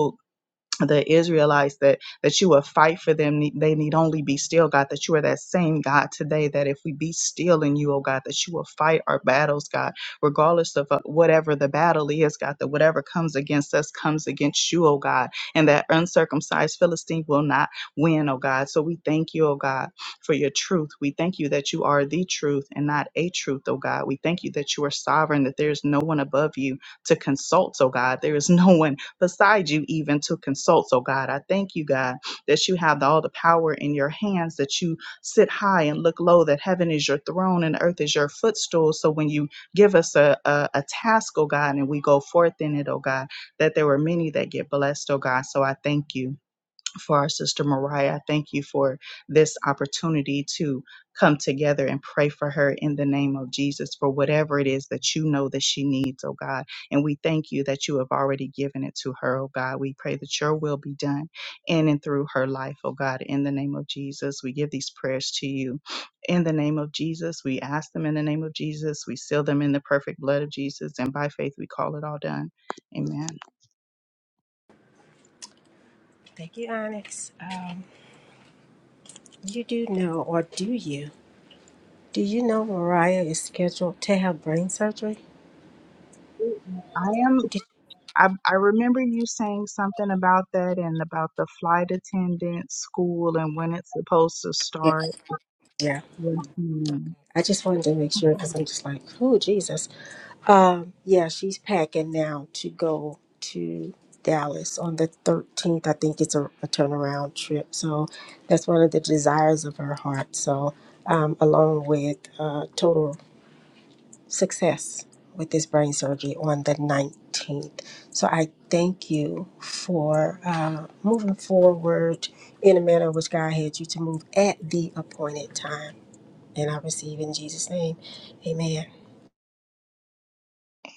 Speaker 2: the Israelites that that you will fight for them. ne- They need only be still, God. That you are that same God today. That if we be still in you, oh God, that you will fight our battles, God, regardless of uh, whatever the battle is, God. That whatever comes against us comes against you, oh God, and that uncircumcised Philistine will not win, oh God. So we thank you, oh God, for your truth. We thank you that you are the truth and not a truth, oh God. We thank you that you are sovereign. That there is no one above you to consult, oh God. There is no one beside you even to consult. So, God, I thank you, God, that you have all the power in your hands, that you sit high and look low, that heaven is your throne and earth is your footstool. So, when you give us a, a, a task, oh God, and we go forth in it, oh God, that there were many that get blessed, oh God. So, I thank you for our sister Mariah. I thank you for this opportunity to come together and pray for her in the name of Jesus for whatever it is that you know that she needs, oh God. And we thank you that you have already given it to her, oh God. We pray that your will be done in and through her life, oh God, in the name of Jesus. We give these prayers to you in the name of Jesus. We ask them in the name of Jesus. We seal them in the perfect blood of Jesus. And by faith, we call it all done. Amen.
Speaker 3: Thank you, Onyx. Um, you do know, or do you? Do you know Mariah is scheduled to have brain surgery?
Speaker 2: I am.
Speaker 3: Did,
Speaker 2: I, I remember you saying something about that and about the flight attendant school and when it's supposed to start.
Speaker 3: Yeah.
Speaker 2: Yeah.
Speaker 3: I just wanted to make sure because I'm just like, oh Jesus. Um, yeah, she's packing now to go to Dallas on the 13th. I think it's a, a turnaround trip, so that's one of the desires of her heart. So, um, along with uh, total success with this brain surgery on the 19th. So I thank you for uh, moving forward in a manner in which God had you to move at the appointed time. And I receive in Jesus' name. Amen.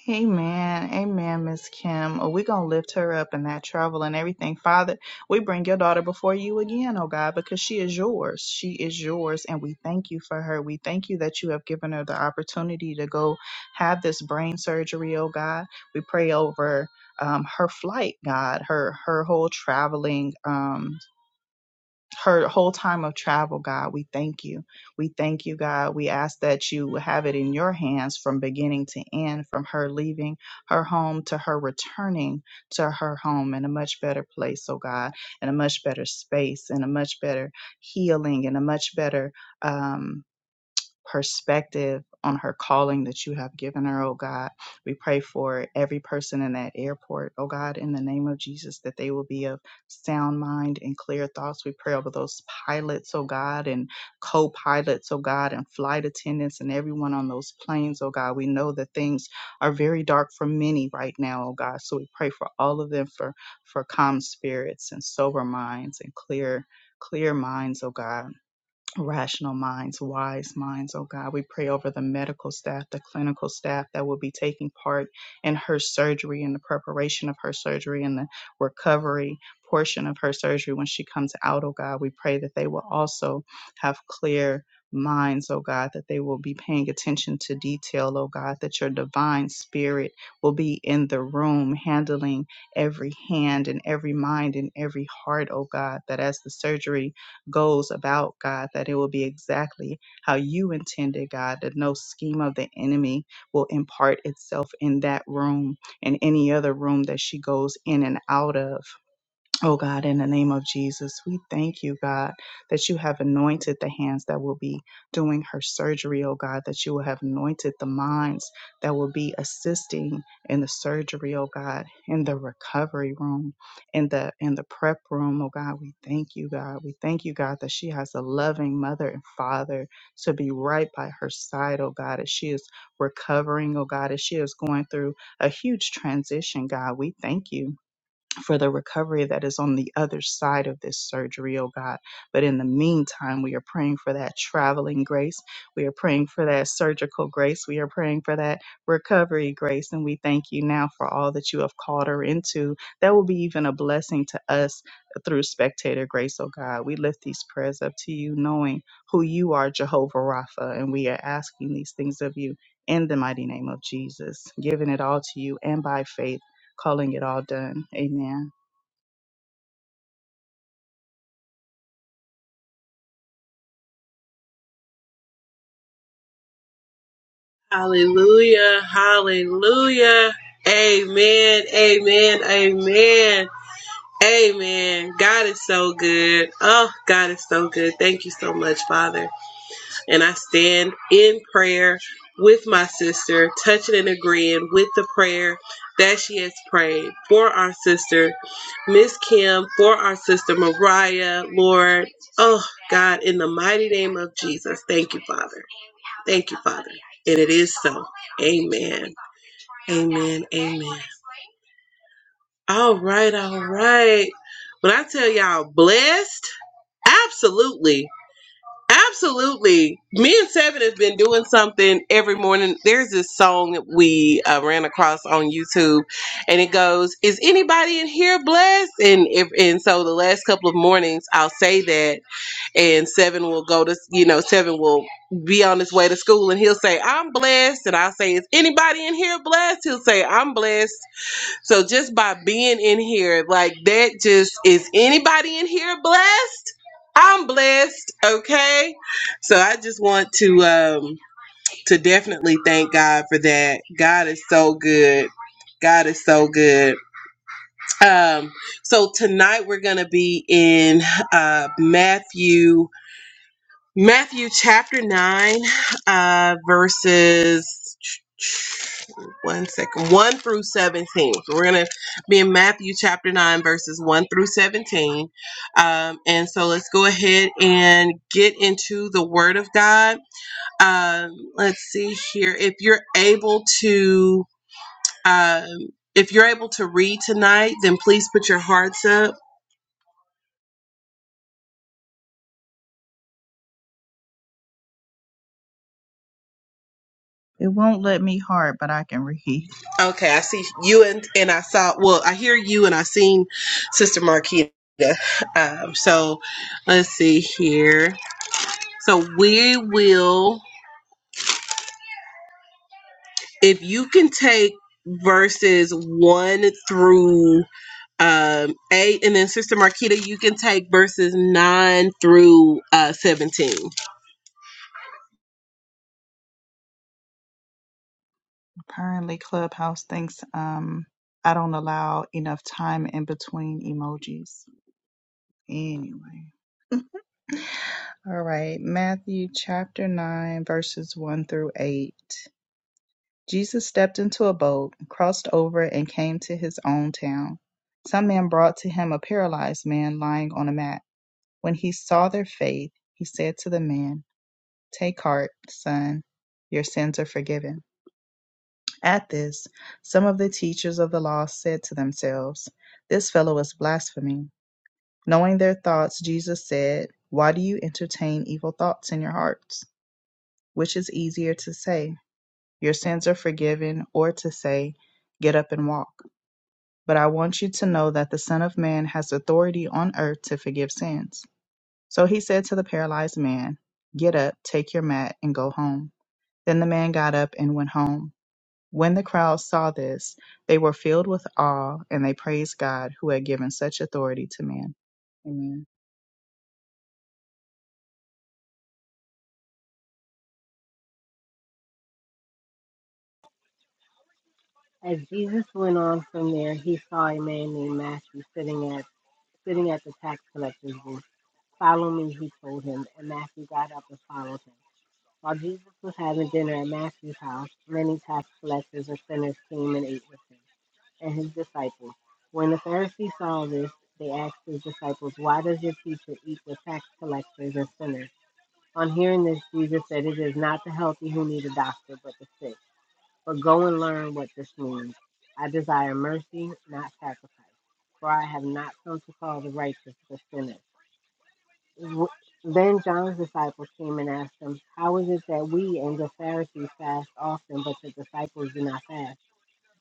Speaker 2: Amen. Amen, Miss Kim. Oh, we're going to lift her up in that travel and everything. Father, we bring your daughter before you again, oh God, because she is yours. She is yours. And we thank you for her. We thank you that you have given her the opportunity to go have this brain surgery, oh God. We pray over um, her flight, God, her her whole traveling. Um, her whole time of travel, God. We thank you. We thank you, God. We ask that you have it in your hands from beginning to end, from her leaving her home to her returning to her home in a much better place, oh God, in a much better space, in a much better healing, in a much better. um, perspective on her calling that you have given her, oh God. We pray for every person in that airport, oh God, in the name of Jesus, that they will be of sound mind and clear thoughts. We pray over those pilots, oh God, and co pilots, oh God, and flight attendants and everyone on those planes, oh God. We know that things are very dark for many right now, oh God. So we pray for all of them for, for calm spirits and sober minds and clear, clear minds, oh God rational minds, wise minds, oh God. We pray over the medical staff, the clinical staff that will be taking part in her surgery and the preparation of her surgery and the recovery portion of her surgery when she comes out, oh God. We pray that they will also have clear minds, oh God, that they will be paying attention to detail, oh God, that your divine spirit will be in the room handling every hand and every mind and every heart, oh God, that as the surgery goes about, God, that it will be exactly how you intended, God, that no scheme of the enemy will impart itself in that room and any other room that she goes in and out of. Oh God, in the name of Jesus, we thank you, God, that you have anointed the hands that will be doing her surgery, oh God, that you will have anointed the minds that will be assisting in the surgery, oh God, in the recovery room, in the in the prep room, oh God. We thank you, God. We thank you, God, that she has a loving mother and father to be right by her side, oh God, as she is recovering, oh God, as she is going through a huge transition, God. We thank you for the recovery that is on the other side of this surgery, oh God. But in the meantime, we are praying for that traveling grace. We are praying for that surgical grace. We are praying for that recovery grace. And we thank you now for all that you have called her into. That will be even a blessing to us through spectator grace, oh God. We lift these prayers up to you, knowing who you are, Jehovah Rapha. And we are asking these things of you in the mighty name of Jesus, giving it all to you and by faith calling it all done. Amen.
Speaker 1: Hallelujah. Hallelujah. Amen. Amen. Amen. Amen. God is so good. Oh, God is so good. Thank you so much, Father. And I stand in prayer with my sister, touching and agreeing with the prayer that she has prayed for our sister, Miss Kim, for our sister, Mariah, Lord. Oh, God, in the mighty name of Jesus. Thank you, Father. Thank you, Father. And it is so. Amen. Amen. Amen. All right. All right. When I tell y'all blessed, absolutely. Absolutely. Me and Seven have been doing something every morning. There's this song that we uh, ran across on YouTube, and it goes, Is anybody in here blessed? And, if, and so the last couple of mornings, I'll say that and seven will go to you know seven will be on his way to school and he'll say i'm blessed and i'll say is anybody in here blessed he'll say i'm blessed so just by being in here like that just is anybody in here blessed i'm blessed okay so i just want to um to definitely thank god for that god is so good god is so good um so tonight we're gonna be in uh matthew Matthew chapter 9, uh, verses one second, 1 through 17. So we're going to be in Matthew chapter 9, verses 1 through 17. Um, and so let's go ahead and get into the Word of God. Um, let's see here. If you're able to. Um, if you're able to read tonight, then please put your hearts up. Okay, I see you and and I saw well, I hear you and I seen Sister Marquita. Um, so let's see here. So we will if you can take verses one through um eight and then Sister Marquita, you can take verses nine through uh seventeen.
Speaker 2: Apparently, Clubhouse thinks um, I don't allow enough time in between emojis. Anyway. All right. Matthew chapter 9, verses 1 through 8. Jesus stepped into a boat, crossed over, and came to his own town. Some men brought to him a paralyzed man lying on a mat. When he saw their faith, he said to the man, Take heart, son, your sins are forgiven. At this, some of the teachers of the law said to themselves, This fellow is blaspheming. Knowing their thoughts, Jesus said, Why do you entertain evil thoughts in your hearts? Which is easier to say, 'Your sins are forgiven, or to say, 'Get up and walk. But I want you to know that the Son of Man has authority on earth to forgive sins. So he said to the paralyzed man, Get up, take your mat, and go home. Then the man got up and went home. When the crowd saw this, they were filled with awe and they praised God who had given such authority to man. Amen.
Speaker 4: As Jesus went on from there, he saw a man named Matthew sitting at sitting at the tax collector's booth. Follow me, he told him, and Matthew got up and followed him. While Jesus was having dinner at Matthew's house, many tax collectors and sinners came and ate with him. and his disciples. When the Pharisees saw this, they asked his disciples, Why does your teacher eat with tax collectors and sinners? On hearing this, Jesus said, It is not the healthy who need a doctor, but the sick. But go and learn what this means. I desire mercy, not sacrifice, for I have not come to call the righteous, but sinners. Then John's disciples came and asked him, How is it that we and the Pharisees fast often, but the disciples do not fast?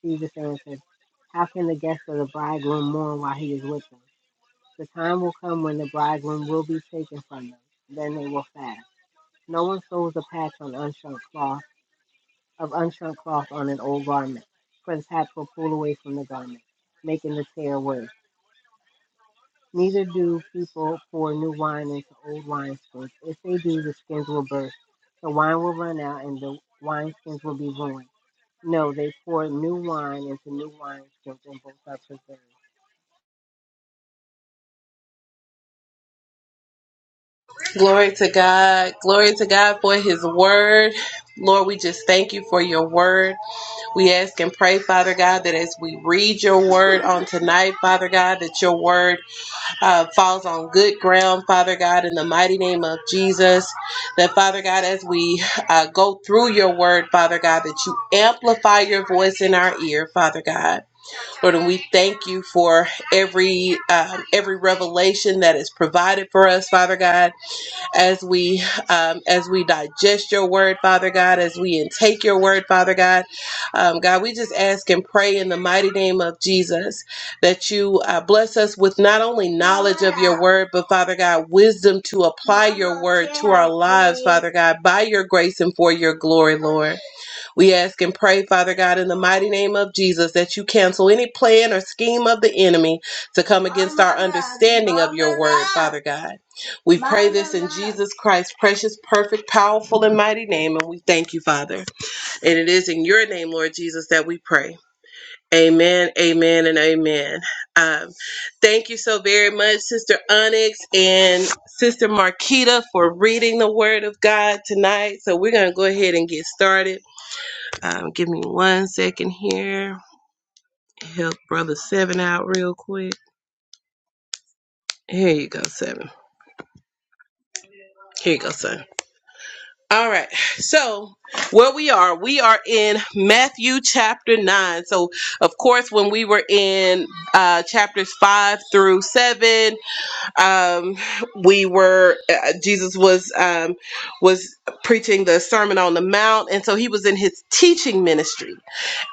Speaker 4: Jesus answered, How can the guests of the bridegroom mourn while he is with them? The time will come when the bridegroom will be taken from them. Then they will fast. No one sews a patch on unshrunk cloth of unshrunk cloth on an old garment, for the patch will pull away from the garment, making the tear worse. Neither do people pour new wine into old wineskins. If they do, the skins will burst. The wine will run out, and the wineskins will be ruined. No, they pour new wine into new wineskins, and both are preserved.
Speaker 1: Glory to God. Glory to God for his word. Lord, we just thank you for your word. We ask and pray, Father God, that as we read your word on tonight, Father God, that your word uh, falls on good ground, Father God, in the mighty name of Jesus. That, Father God, as we uh, go through your word, Father God, that you amplify your voice in our ear, Father God. Lord, and we thank you for every um, every revelation that is provided for us, Father God as we um, as we digest your word, Father God, as we intake your word, Father God. Um, God, we just ask and pray in the mighty name of Jesus that you uh, bless us with not only knowledge of your word, but Father God, wisdom to apply your word to our lives, Father God, by your grace and for your glory, Lord. We ask and pray, Father God, in the mighty name of Jesus, that you cancel any plan or scheme of the enemy to come against our understanding of your word, Father God. We pray this in Jesus Christ's precious, perfect, powerful, and mighty name, and we thank you, Father. And it is in your name, Lord Jesus, that we pray. Amen, amen, and amen. Um, thank you so very much, Sister Onyx and Sister Marquita, for reading the Word of God tonight. So we're going to go ahead and get started. Um, give me one second here. Help brother seven out real quick. Here you go, seven. Here you go, son. All right. So where we are, we are in Matthew chapter nine. So of course, when we were in uh, chapters five through seven, um, we were uh, Jesus was um, was preaching the Sermon on the Mount, and so he was in his teaching ministry.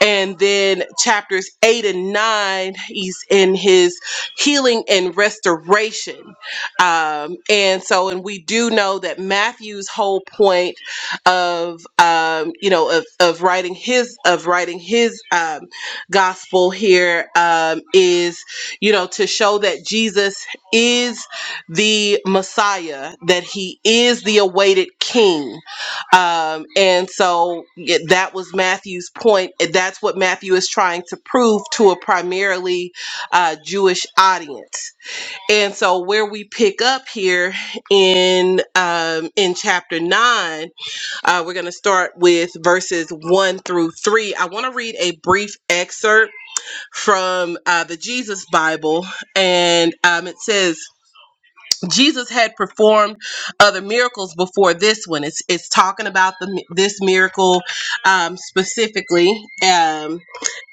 Speaker 1: And then chapters eight and nine, he's in his healing and restoration. Um, and so, and we do know that Matthew's whole point of um, you know of, of writing his of writing his um, gospel here um, is you know to show that Jesus is the Messiah, that he is the awaited king. Um, and so yeah, that was Matthew's point. That's what Matthew is trying to prove to a primarily uh, Jewish audience. And so where we pick up here in um, in chapter nine, uh, we're going to start with verses one through three. I want to read a brief excerpt from uh, the Jesus Bible, and um, it says. Jesus had performed other miracles before this one. It's it's talking about the this miracle um, specifically um,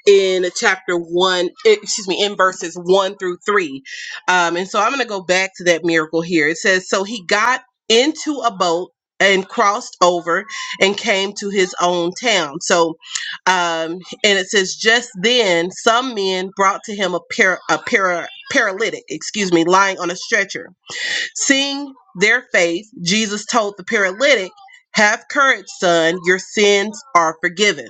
Speaker 1: in chapter one. eh, Excuse me, in verses one through three. Um, and so I'm going to go back to that miracle here. It says, "So he got into a boat." And crossed over and came to his own town. So, um, and it says, just then some men brought to him a, par- a para- paralytic, excuse me, lying on a stretcher. Seeing their faith, Jesus told the paralytic, Have courage, son, your sins are forgiven.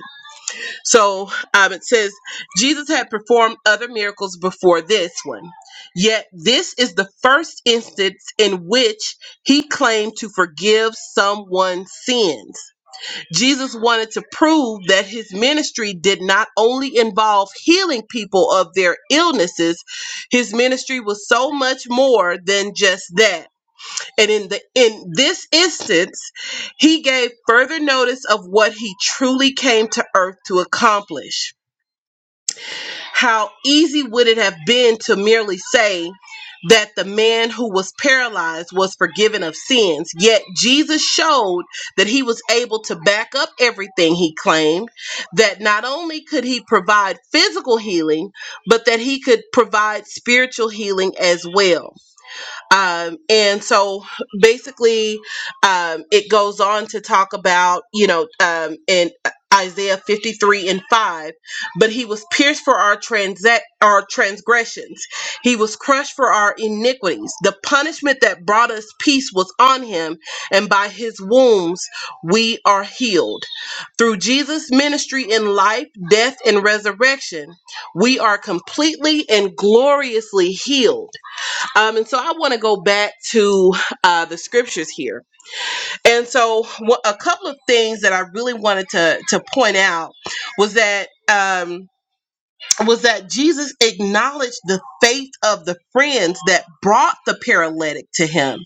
Speaker 1: So um, it says, Jesus had performed other miracles before this one. Yet this is the first instance in which he claimed to forgive someone's sins. Jesus wanted to prove that his ministry did not only involve healing people of their illnesses, his ministry was so much more than just that. And in the in this instance, he gave further notice of what he truly came to earth to accomplish. How easy would it have been to merely say that the man who was paralyzed was forgiven of sins, yet Jesus showed that he was able to back up everything he claimed, that not only could he provide physical healing, but that he could provide spiritual healing as well. Um, and so basically, um, it goes on to talk about, you know, um, in Isaiah 53 and 5, but he was pierced for our, transa- our transgressions, he was crushed for our iniquities. The punishment that brought us peace was on him, and by his wounds we are healed. Through Jesus' ministry in life, death, and resurrection, we are completely and gloriously healed um, and so I want to go back to uh, the scriptures here. And so wha- a couple of things that I really wanted to to point out was that um, was that Jesus acknowledged the faith of the friends that brought the paralytic to him.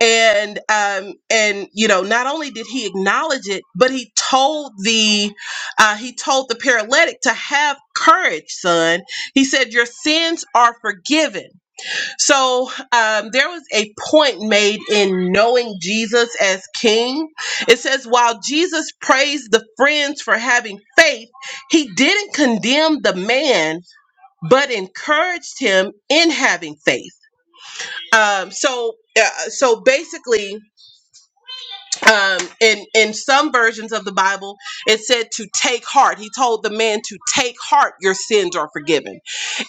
Speaker 1: And um, and you know not only did he acknowledge it, but he told the uh, he told the paralytic to have courage, son. He said, "Your sins are forgiven." So um, there was a point made in knowing Jesus as King. It says, while Jesus praised the friends for having faith, he didn't condemn the man, but encouraged him in having faith. Um, so, uh, so basically, um, in in some versions of the Bible, it said to take heart. He told the man to take heart; your sins are forgiven.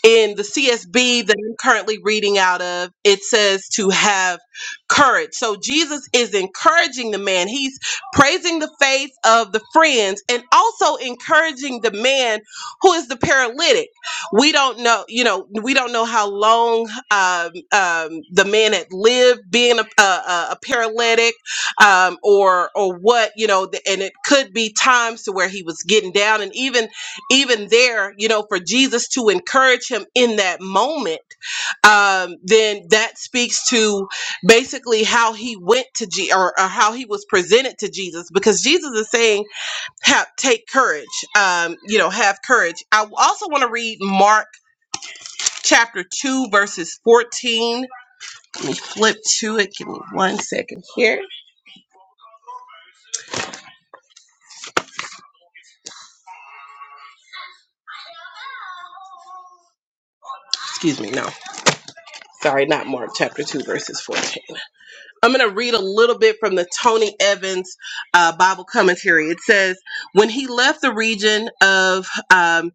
Speaker 1: In the CSB that I'm currently reading out of, it says to have courage. So Jesus is encouraging the man. He's praising the faith of the friends and also encouraging the man who is the paralytic. We don't know, you know, we don't know how long um, um, the man had lived being a, a, a a paralytic um, or or what, you know, the, and it could be times to where he was getting down and even even there, you know, for Jesus to encourage him in that moment, um, then that speaks to basically how he went to G or, or how he was presented to Jesus, because Jesus is saying, "Have take courage, um, you know, have courage." I also want to read Mark chapter two, verses fourteen. Flip to it. Give me one second here. Excuse me. No, sorry, not Mark chapter two, verses fourteen. I'm going to read a little bit from the Tony Evans uh, Bible commentary. It says, "When he left the region of um,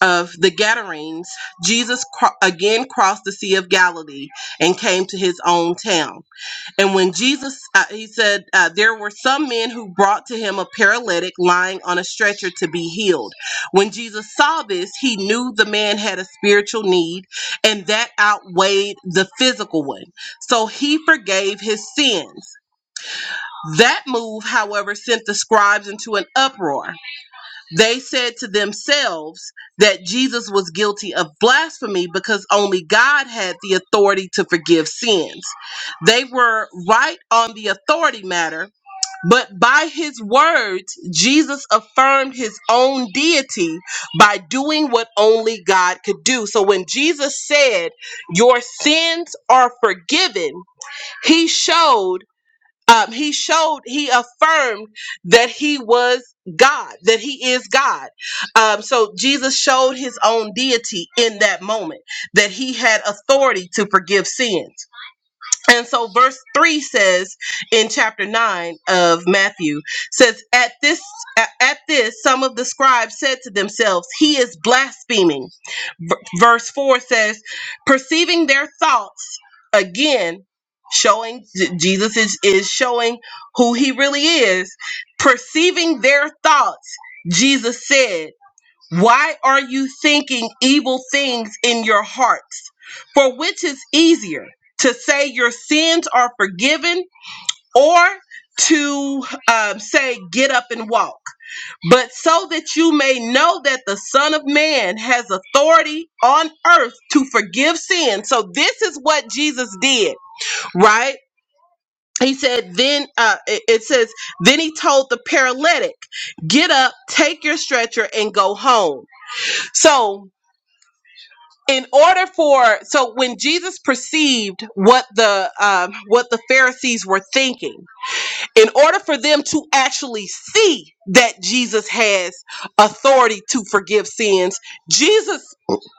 Speaker 1: of the Gadarenes, Jesus cro- again crossed the Sea of Galilee and came to his own town. And when Jesus, uh, he said, uh, there were some men who brought to him a paralytic lying on a stretcher to be healed. When Jesus saw this, he knew the man had a spiritual need, and that outweighed the physical one. So he forgave his sins. That move, however, sent the scribes into an uproar. They said to themselves that Jesus was guilty of blasphemy because only God had the authority to forgive sins. They were right on the authority matter, but by his words, Jesus affirmed his own deity by doing what only God could do. So when Jesus said, Your sins are forgiven, he showed um, he showed he affirmed that he was god that he is god um, so jesus showed his own deity in that moment that he had authority to forgive sins and so verse 3 says in chapter 9 of matthew says at this at this some of the scribes said to themselves he is blaspheming V- verse 4 says, perceiving their thoughts, again, showing J- Jesus is, is showing who he really is, perceiving their thoughts, Jesus said, Why are you thinking evil things in your hearts? For which is easier, to say your sins are forgiven or to um, say, Get up and walk? but so that you may know that the Son of Man has authority on earth to forgive sin. So this is what Jesus did, right? He said, then uh, it it says, then he told the paralytic, get up, take your stretcher, and go home. So in order for so when Jesus perceived what the um, what the Pharisees were thinking in order for them to actually see that Jesus has authority to forgive sins, Jesus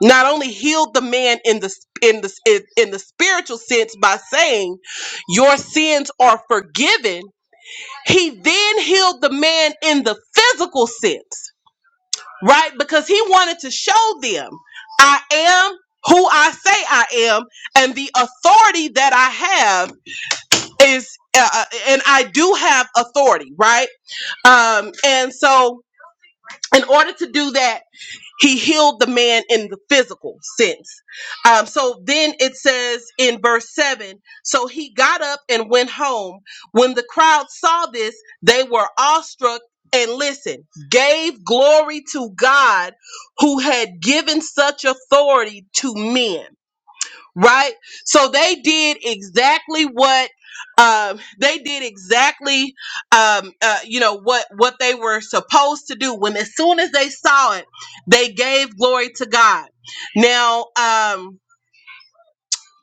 Speaker 1: not only healed the man in the in the in, in the spiritual sense by saying your sins are forgiven, he then healed the man in the physical sense, right? Because he wanted to show them I am who I say I am and the authority that I have is uh, uh, and I do have authority, right? Um, and so in order to do that, he healed the man in the physical sense. Um, so then it says in verse 7 so he got up and went home. When the crowd saw this, they were awestruck and listen, gave glory to God who had given such authority to men right? So they did exactly what um, they did exactly, um, uh, you know what what they were supposed to do. When as soon as they saw it, they gave glory to God. Now. Um,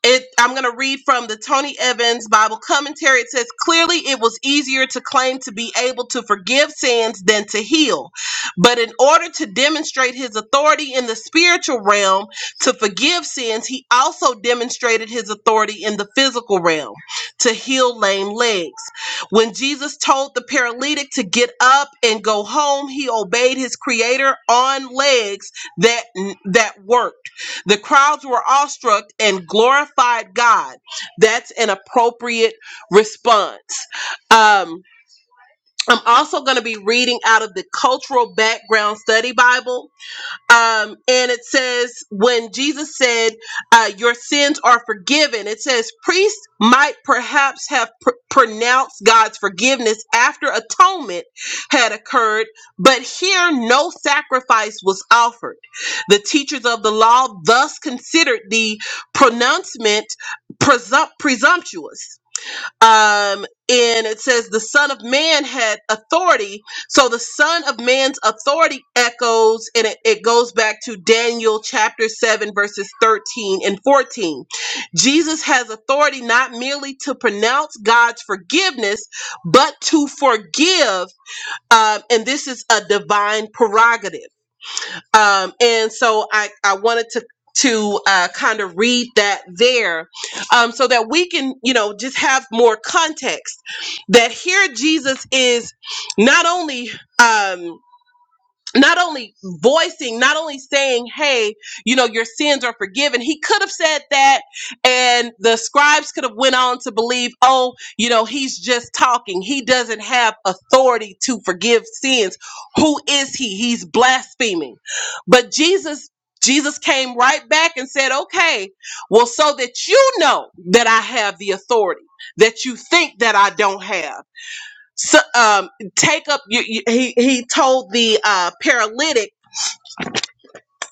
Speaker 1: it i'm going to read from the tony evans bible commentary it says clearly it was easier to claim to be able to forgive sins than to heal but in order to demonstrate his authority in the spiritual realm to forgive sins he also demonstrated his authority in the physical realm to heal lame legs when jesus told the paralytic to get up and go home he obeyed his creator on legs that that worked the crowds were awestruck and glorified God. That's an appropriate response. Um, I'm also going to be reading out of the Cultural Background Study Bible um, and it says, when Jesus said, uh, Your sins are forgiven, it says, priests might perhaps have pr- pronounced God's forgiveness after atonement had occurred, but here no sacrifice was offered. The teachers of the law thus considered the pronouncement presump- presumptuous um, and it says the Son of Man had authority. So the Son of Man's authority echoes, and it, it goes back to Daniel chapter 7, verses 13 and 14. Jesus has authority not merely to pronounce God's forgiveness, but to forgive. Um, and this is a divine prerogative um, and so I I wanted to to uh, kind of read that there, um, so that we can you know just have more context that here Jesus is not only um, not only voicing, not only saying, "Hey, you know, your sins are forgiven." He could have said that, and the scribes could have went on to believe, "Oh, you know, he's just talking. He doesn't have authority to forgive sins. Who is he? He's blaspheming." But Jesus Jesus came right back and said, "Okay, well so that you know that I have the authority that you think that I don't have." so, um, take up. You, you, he he told the uh, paralytic.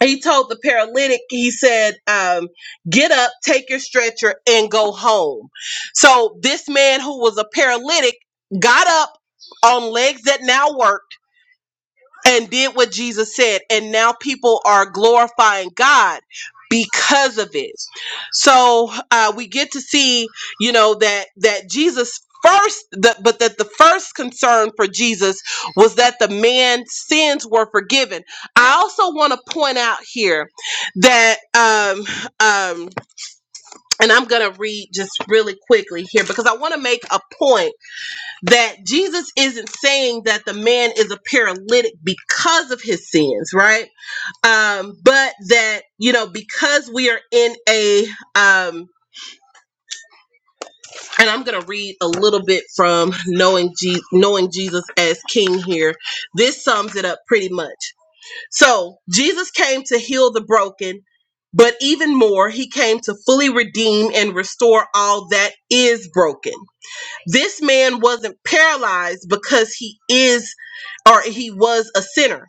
Speaker 1: He told the paralytic. He said, um, "Get up, take your stretcher, and go home." So this man who was a paralytic got up on legs that now worked and did what Jesus said, and now people are glorifying God because of it. So uh, we get to see, you know, that that Jesus first, the, but that the first concern for Jesus was that the man's sins were forgiven. I also want to point out here that, um, um, and I'm gonna read just really quickly here because I want to make a point that Jesus isn't saying that the man is a paralytic because of his sins, right? Um, but that you know, because we are in a, um, and I'm going to read a little bit from knowing Je- knowing Jesus as King here. This sums it up pretty much. So Jesus came to heal the broken. But even more, he came to fully redeem and restore all that is broken. This man wasn't paralyzed because he is or he was a sinner.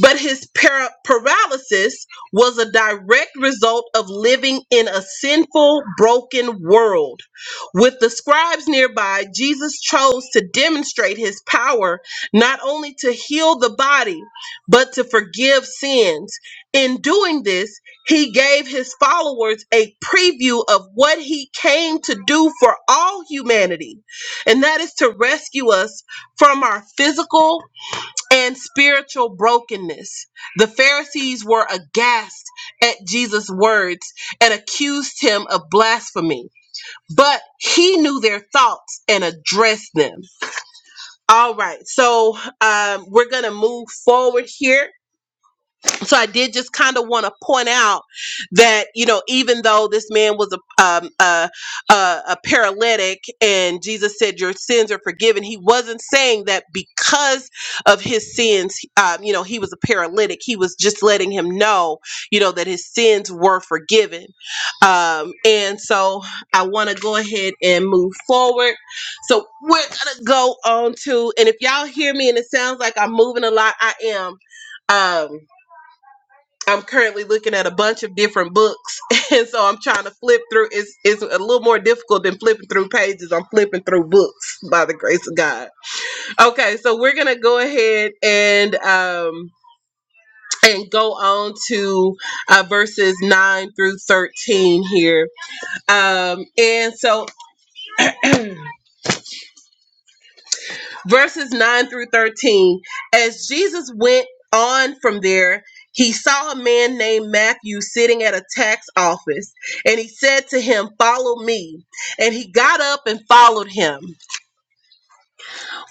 Speaker 1: But his para- paralysis was a direct result of living in a sinful, broken world. With the scribes nearby, Jesus chose to demonstrate his power not only to heal the body, but to forgive sins. In doing this, he gave his followers a preview of what he came to do for all humanity, and that is to rescue us from our physical and spiritual brokenness. The Pharisees were aghast at Jesus' words and accused him of blasphemy, but he knew their thoughts and addressed them. All right, so um, we're going to move forward here so I did just kind of want to point out that you know even though this man was a um, a, a a paralytic and Jesus said your sins are forgiven, he wasn't saying that because of his sins, um, you know, he was a paralytic. He was just letting him know, you know, that his sins were forgiven. Um, and so I want to go ahead and move forward. So we're gonna go on to, and if y'all hear me and it sounds like I'm moving a lot, I am. Um, I'm currently looking at a bunch of different books, and so I'm trying to flip through. It's it's a little more difficult than flipping through pages. I'm flipping through books by the grace of God. Okay, so we're gonna go ahead and um and go on to uh, verses nine through thirteen here. Um, and so verses 9 through 13. As Jesus went on from there, he saw a man named Matthew sitting at a tax office, and he said to him, Follow me. And he got up and followed him.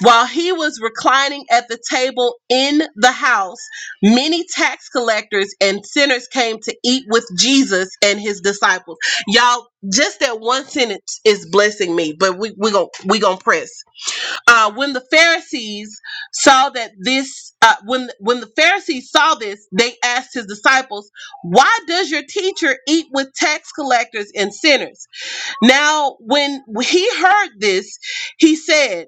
Speaker 1: While he was reclining at the table in the house, many tax collectors and sinners came to eat with Jesus and his disciples. Y'all, just that one sentence is blessing me, but we we going gon' we gonna press uh, when the Pharisees saw that this, uh, when when the Pharisees saw this, they asked his disciples, "Why does your teacher eat with tax collectors and sinners?" Now, when he heard this, he said.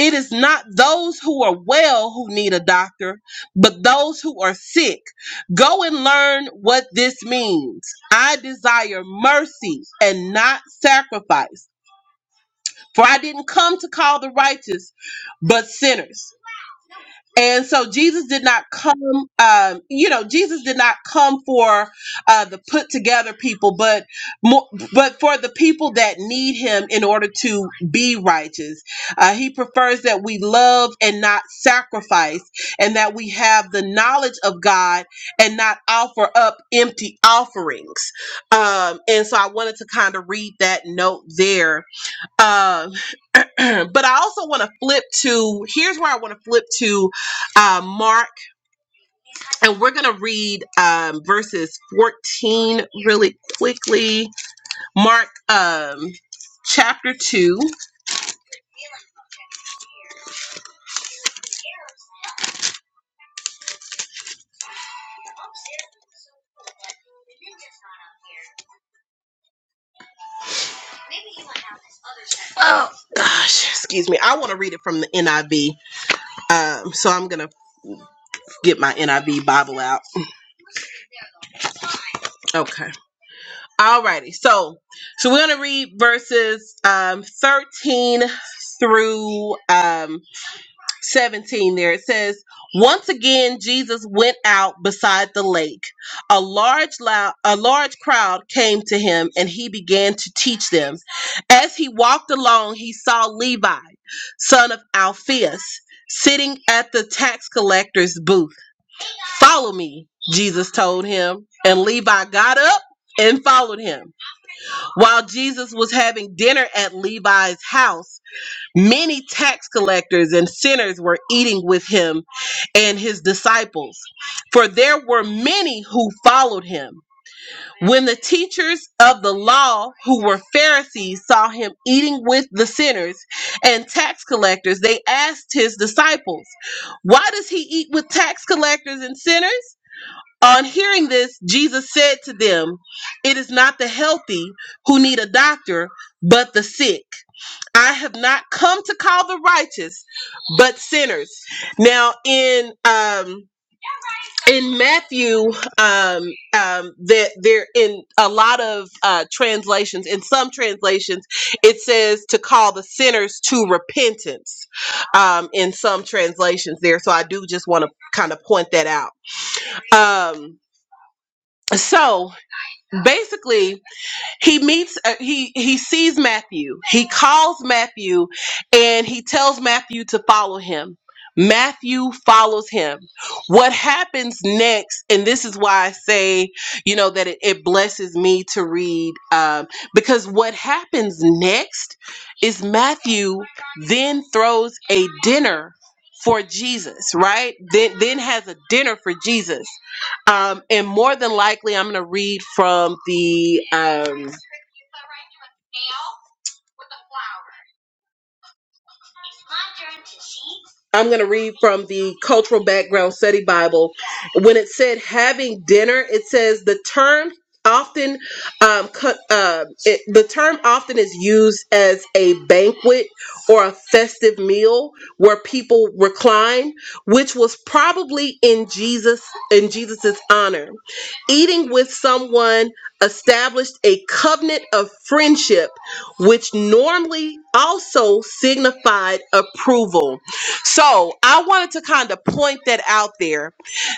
Speaker 1: It is not those who are well who need a doctor, but those who are sick. Go and learn what this means. I desire mercy and not sacrifice for I didn't come to call the righteous, but sinners. And so Jesus did not come, um, you know, Jesus did not come for uh, the put together people, but more, but for the people that need him in order to be righteous. Uh, he prefers that we love and not sacrifice, and that we have the knowledge of God and not offer up empty offerings. Um, and so I wanted to kind of read that note there. Um, but I also want to flip to here's where I want to flip to uh, Mark, and we're going to read um, verses 14 really quickly. Mark um, chapter 2. Oh, gosh, excuse me. I want to read it from the NIV. Um, so I'm going to get my NIV Bible out. Okay. Alrighty. So, so we're going to read verses um, 13 through um, 17 there it says once again jesus went out beside the lake a large lou- a large crowd came to him and he began to teach them as he walked along he saw levi son of alphaeus sitting at the tax collector's booth follow me jesus told him and levi got up and followed him while jesus was having dinner at levi's house Many tax collectors and sinners were eating with him and his disciples, for there were many who followed him. When the teachers of the law, who were Pharisees, saw him eating with the sinners and tax collectors, they asked his disciples, Why does he eat with tax collectors and sinners? On hearing this, Jesus said to them, It is not the healthy who need a doctor, but the sick. I have not come to call the righteous, but sinners. Now in um in Matthew, um, um, that there in a lot of uh, translations, in some translations, it says to call the sinners to repentance. Um, in some translations, there, so I do just want to kind of point that out. Um, so basically, he meets uh, he he sees matthew he calls matthew and he tells matthew to follow him matthew follows him what happens next and this is why i say you know that it, it blesses me to read um, because what happens next is matthew then throws a dinner for jesus right then then has a dinner for jesus um, and more than likely i'm going to read from the um, I'm going to read from the Cultural Background Study Bible. When it said having dinner, it says the term often um, co- uh, it, the term often is used as a banquet or a festive meal where people recline which was probably in jesus in jesus's honor eating with someone established a covenant of friendship which normally also signified approval. So I wanted to kind of point that out there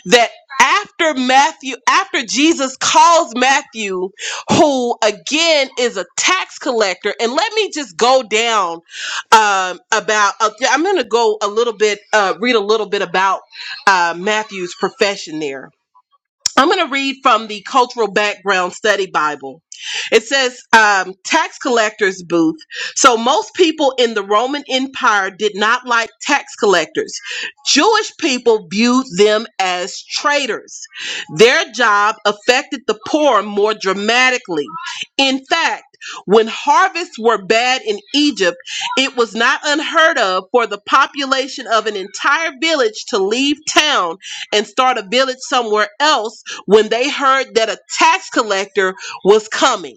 Speaker 1: that after Matthew, after Jesus calls Matthew, who again is a tax collector, and let me just go down um, about, uh, yeah, I'm going to go a little bit, uh, read a little bit about uh, Matthew's profession there I'm going to read from the Cultural Background Study Bible. It says, um, tax collector's booth. So most people in the Roman Empire did not like tax collectors. Jewish people viewed them as traitors. Their job affected the poor more dramatically. In fact, when harvests were bad in Egypt, it was not unheard of for the population of an entire village to leave town and start a village somewhere else when they heard that a tax collector was coming.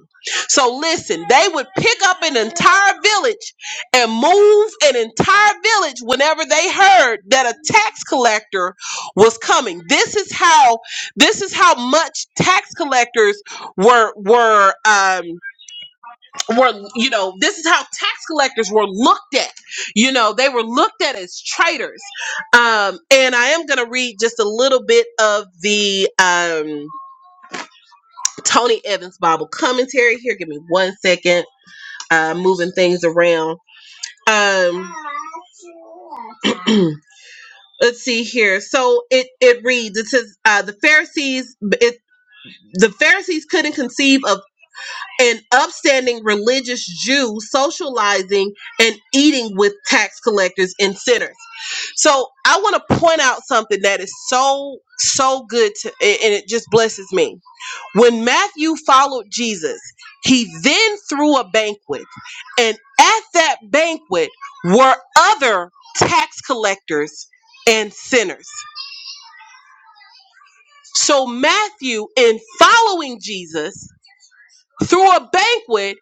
Speaker 1: So listen, they would pick up an entire village and move an entire village whenever they heard that a tax collector was coming. This is how this is how much tax collectors were were um were you know, this is how tax collectors were looked at. You know, they were looked at as traitors. Um and I am going to read just a little bit of the um Tony Evans Bible commentary here. Give me one second. Uh, moving things around. Um, let's see here. So it it reads. It says uh, the Pharisees. It, the Pharisees couldn't conceive of. an upstanding religious Jew socializing and eating with tax collectors and sinners. So I want to point out something that is so, so good to, and and it just blesses me. When Matthew followed Jesus, he then threw a banquet, and at that banquet were other tax collectors and sinners. So Matthew, in following Jesus, threw a banquet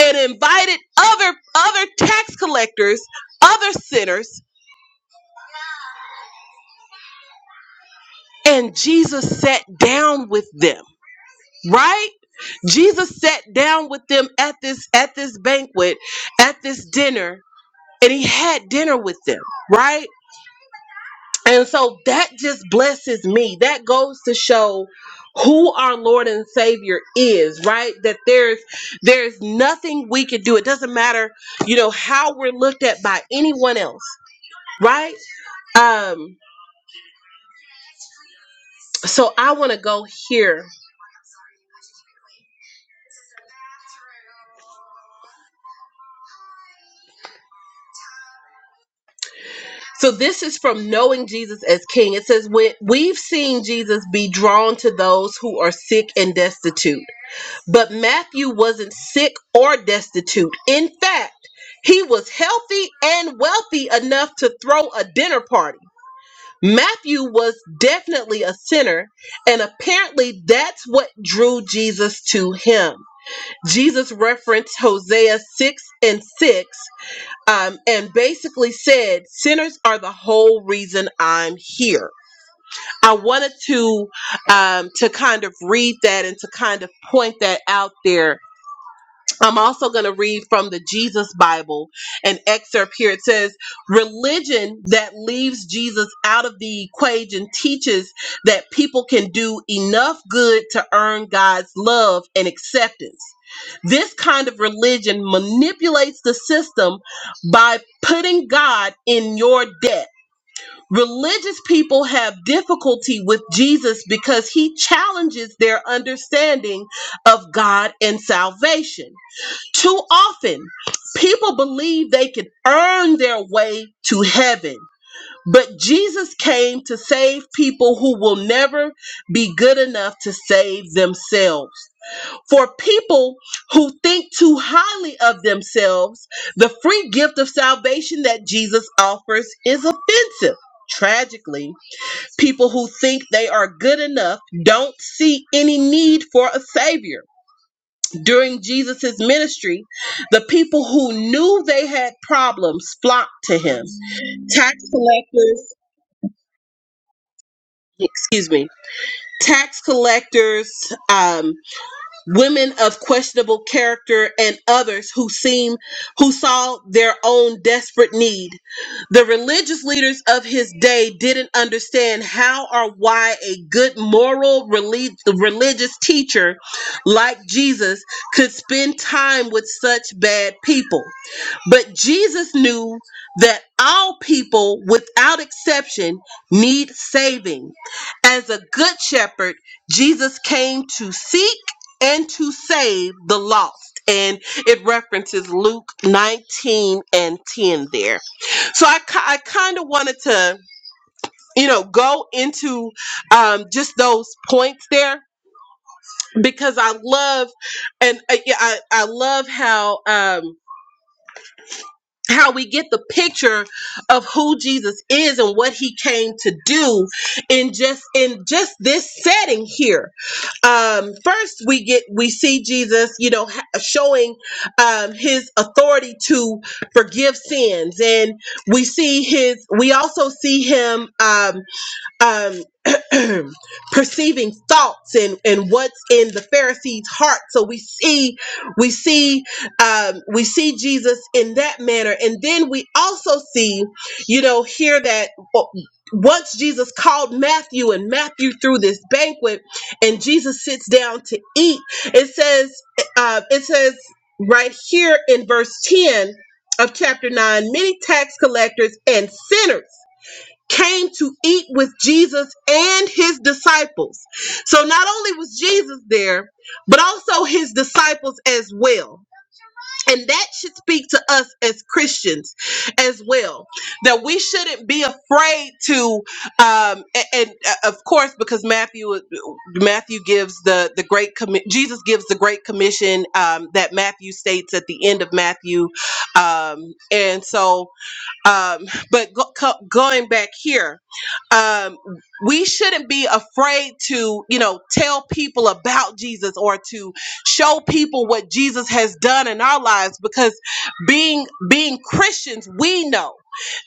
Speaker 1: and invited other other tax collectors, other sinners, and Jesus sat down with them, right? Jesus sat down with them at this at this banquet, at this dinner, and he had dinner with them, right? And so that just blesses me. That goes to show who our Lord and Savior is, right? That there's there's nothing we can do. It doesn't matter, you know, how we're looked at by anyone else, right? Um so I want to go here. So this is from knowing Jesus as king. It says when we've seen Jesus be drawn to those who are sick and destitute But Matthew wasn't sick or destitute. In fact, he was healthy and wealthy enough to throw a dinner party. Matthew was definitely a sinner, and apparently that's what drew Jesus to him. Jesus referenced Hosea 6 and 6 um, and basically said, Sinners are the whole reason I'm here. I wanted to um, to kind of read that and to kind of point that out there I'm also going to read from the Jesus Bible an excerpt here. It says, Religion that leaves Jesus out of the equation teaches that people can do enough good to earn God's love and acceptance. This kind of religion manipulates the system by putting God in your debt. Religious people have difficulty with Jesus because he challenges their understanding of God and salvation. Too often, people believe they can earn their way to heaven, but Jesus came to save people who will never be good enough to save themselves. For people who think too highly of themselves, the free gift of salvation that Jesus offers is offensive. Tragically, people who think they are good enough don't see any need for a savior. During Jesus's ministry, the people who knew they had problems flocked to him. Tax collectors, excuse me, tax collectors, um, women of questionable character and others who seem who saw their own desperate need the religious leaders of his day didn't understand how or why a good moral relig- religious teacher like jesus could spend time with such bad people but jesus knew that all people without exception need saving as a good shepherd jesus came to seek and to save the lost. And it references Luke 19 and 10 there. So I, ki- I kind of wanted to, you know, go into um, just those points there because I love, and uh, yeah, I, I love how. Um, how we get the picture of who Jesus is and what he came to do in just in just this setting here. Um first we get we see Jesus, you know, ha- showing um his authority to forgive sins and we see his we also see him um um, perceiving thoughts and, and what's in the Pharisees' heart. So we see we see um, we see Jesus in that manner, and then we also see, you know, here that o- once Jesus called Matthew and Matthew through this banquet, and Jesus sits down to eat. It says uh, it says right here in verse ten of chapter nine, many tax collectors and sinners came to eat with Jesus and his disciples. So not only was Jesus there, but also his disciples as well. And that should speak to us as Christians as well. That we shouldn't be afraid to, um, and, and uh, of course, because Matthew Matthew gives the the great commi- Jesus gives the great commission um, that Matthew states at the end of Matthew, um, and so um, but go, co- going back here, um, we shouldn't be afraid to, you know, tell people about Jesus or to show people what Jesus has done in our lives because being being Christians, we know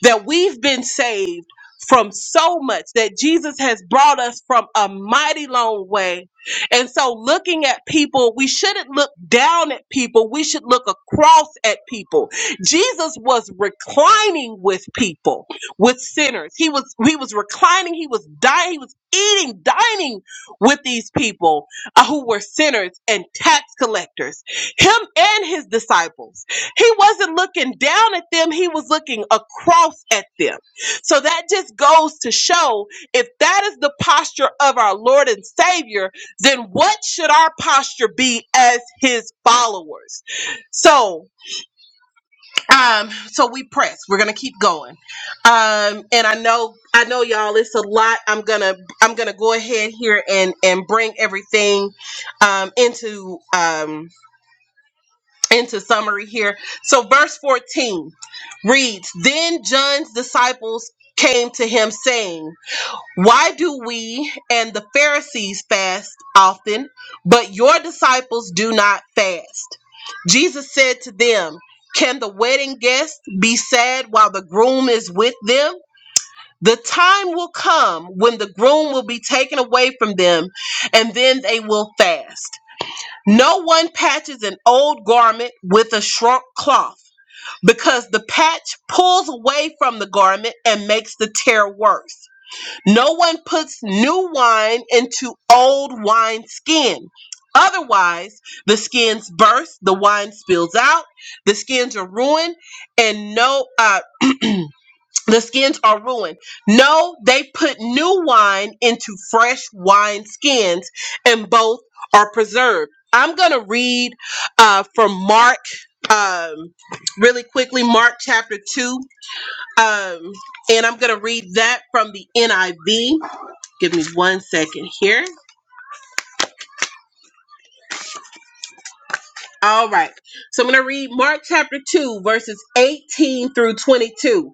Speaker 1: that we've been saved from so much that Jesus has brought us from a mighty long way. And so looking at people, we shouldn't look down at people, we should look across at people Jesus was reclining with people, with sinners. He was he was reclining, he was dying, he was eating, dining with these people uh, who were sinners and tax collectors. Him and his disciples. He wasn't looking down at them, he was looking across at them. So that just goes to show if that is the posture of our Lord and Savior, then what should our posture be as his followers? So um so we press we're gonna keep going um and i know i know y'all it's a lot i'm gonna i'm gonna go ahead here and and bring everything um into um into summary here so verse 14 reads then john's disciples came to him saying why do we and the Pharisees fast often, but your disciples do not fast? Jesus said to them, Can the wedding guests be sad while the groom is with them? The time will come when the groom will be taken away from them, and then they will fast. No one patches an old garment with a shrunk cloth, because the patch pulls away from the garment and makes the tear worse no one puts new wine into old wine skin. Otherwise, the skins burst, the wine spills out, the skins are ruined, and no, uh, the skins are ruined. No, they put new wine into fresh wine skins, and both are preserved. I'm gonna read uh, from Mark um, really quickly, Mark chapter two, um, and I'm gonna read that from the NIV. Give me one second here. All right. So I'm going to read Mark chapter 2, verses 18 through 22.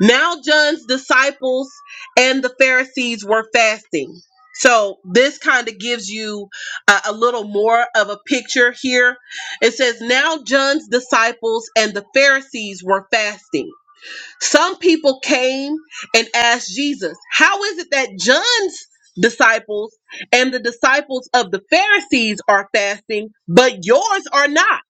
Speaker 1: Now John's disciples and the Pharisees were fasting. So this kind of gives you a, a little more of a picture here. It says, Now John's disciples and the Pharisees were fasting. Some people came and asked Jesus, How is it that John's disciples and the disciples of the Pharisees are fasting, but yours are not?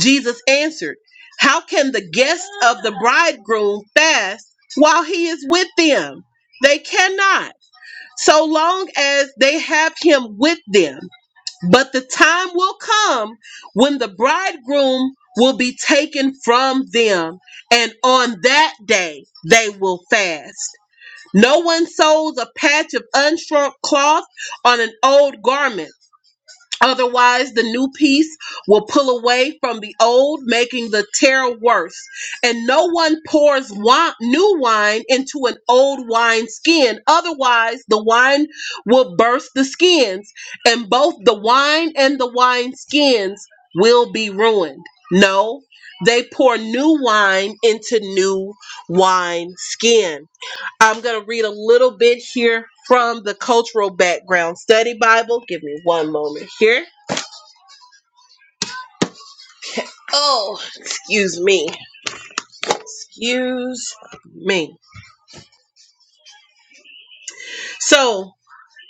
Speaker 1: Jesus answered, How can the guests of the bridegroom fast while he is with them? They cannot, so long as they have him with them. But the time will come when the bridegroom will be taken from them, and on that day they will fast. No one sews a patch of unshrunk cloth on an old garment Otherwise, the new piece will pull away from the old, making the tear worse. And no one pours wi- new wine into an old wine skin. Otherwise, the wine will burst the skins, and both the wine and the wine skins will be ruined. No, they pour new wine into new wine skin. I'm going to read a little bit here from the Cultural Background Study Bible. Give me one moment here. Oh, excuse me. Excuse me. So,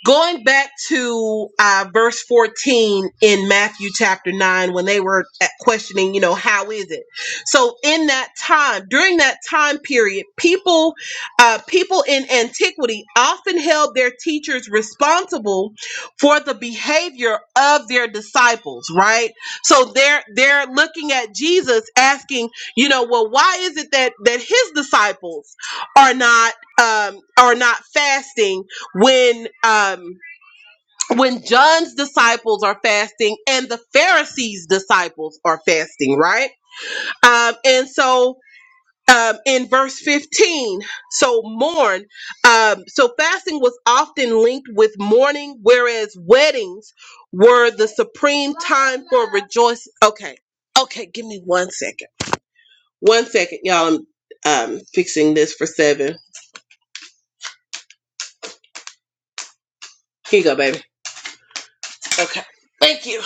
Speaker 1: Going back to uh, verse 14 in Matthew chapter 9, when they were at questioning, you know, how is it? So, in that time, during that time period, people, uh, people in antiquity often held their teachers responsible for the behavior of their disciples, right? So they're they're looking at Jesus, asking, you know, well, why is it that that his disciples are not um, are not fasting? when um when John's disciples are fasting and the Pharisees' disciples are fasting, right? Um, and so um, in verse 15, so mourn. Um, so fasting was often linked with mourning, whereas weddings were the supreme time for rejoicing. Okay, okay, give me one second. One second, y'all. I'm um, fixing this for seven. Here you go, baby. Okay, thank you.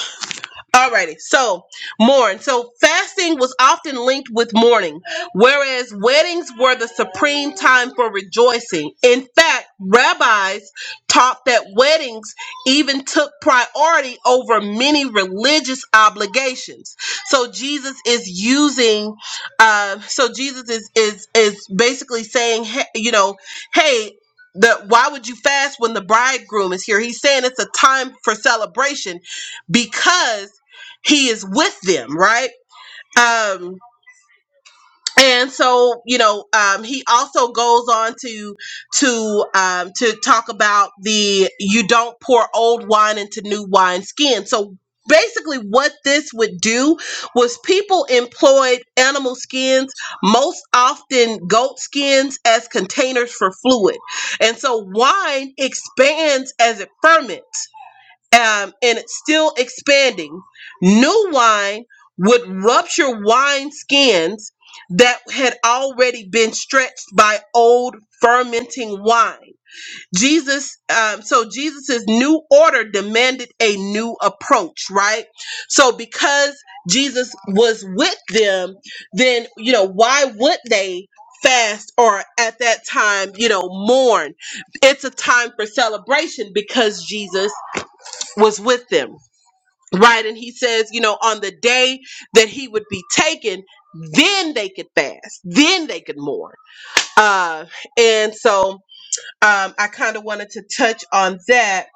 Speaker 1: Alrighty, so mourn. So fasting was often linked with mourning, whereas weddings were the supreme time for rejoicing. In fact, rabbis taught that weddings even took priority over many religious obligations. So Jesus is using, uh, so Jesus is is is basically saying, he- you know, hey. The, why would you fast when the bridegroom is here? He's saying it's a time for celebration because he is with them, right? Um, and so you know, um, he also goes on to to um, to talk about the you don't pour old wine into new wine skin. So basically, what this would do was people employed animal skins, most often goat skins, as containers for fluid, and so wine expands as it ferments um, and it's still expanding. New wine would rupture wine skins that had already been stretched by old fermenting wine. Jesus, um, so Jesus's new order demanded a new approach, right? So because Jesus was with them, then you know why would they? fast or at that time you know mourn it's a time for celebration because jesus was with them, right? And he says, you know, on the day that he would be taken, then they could fast, then they could mourn. Uh, and so um, I kind of wanted to touch on that.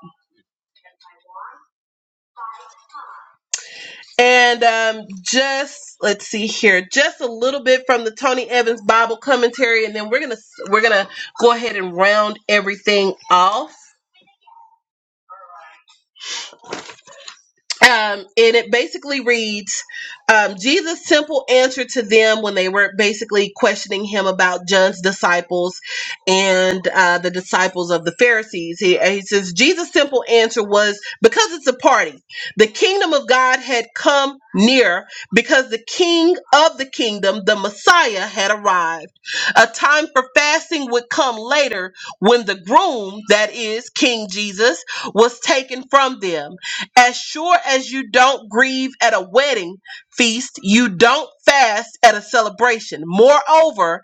Speaker 1: And um, just let's see here, just a little bit from the Tony Evans Bible commentary, and then we're gonna we're gonna go ahead and round everything off Um, and it basically reads um, Jesus' simple answer to them when they were basically questioning him about John's disciples and uh, the disciples of the Pharisees. He, he says, Jesus' simple answer was because it's a party. The kingdom of God had come near because the king of the kingdom, the Messiah, had arrived. A time for fasting would come later when the groom, that is, King Jesus, was taken from them. As sure as you don't grieve at a wedding feast, you don't fast at a celebration. Moreover,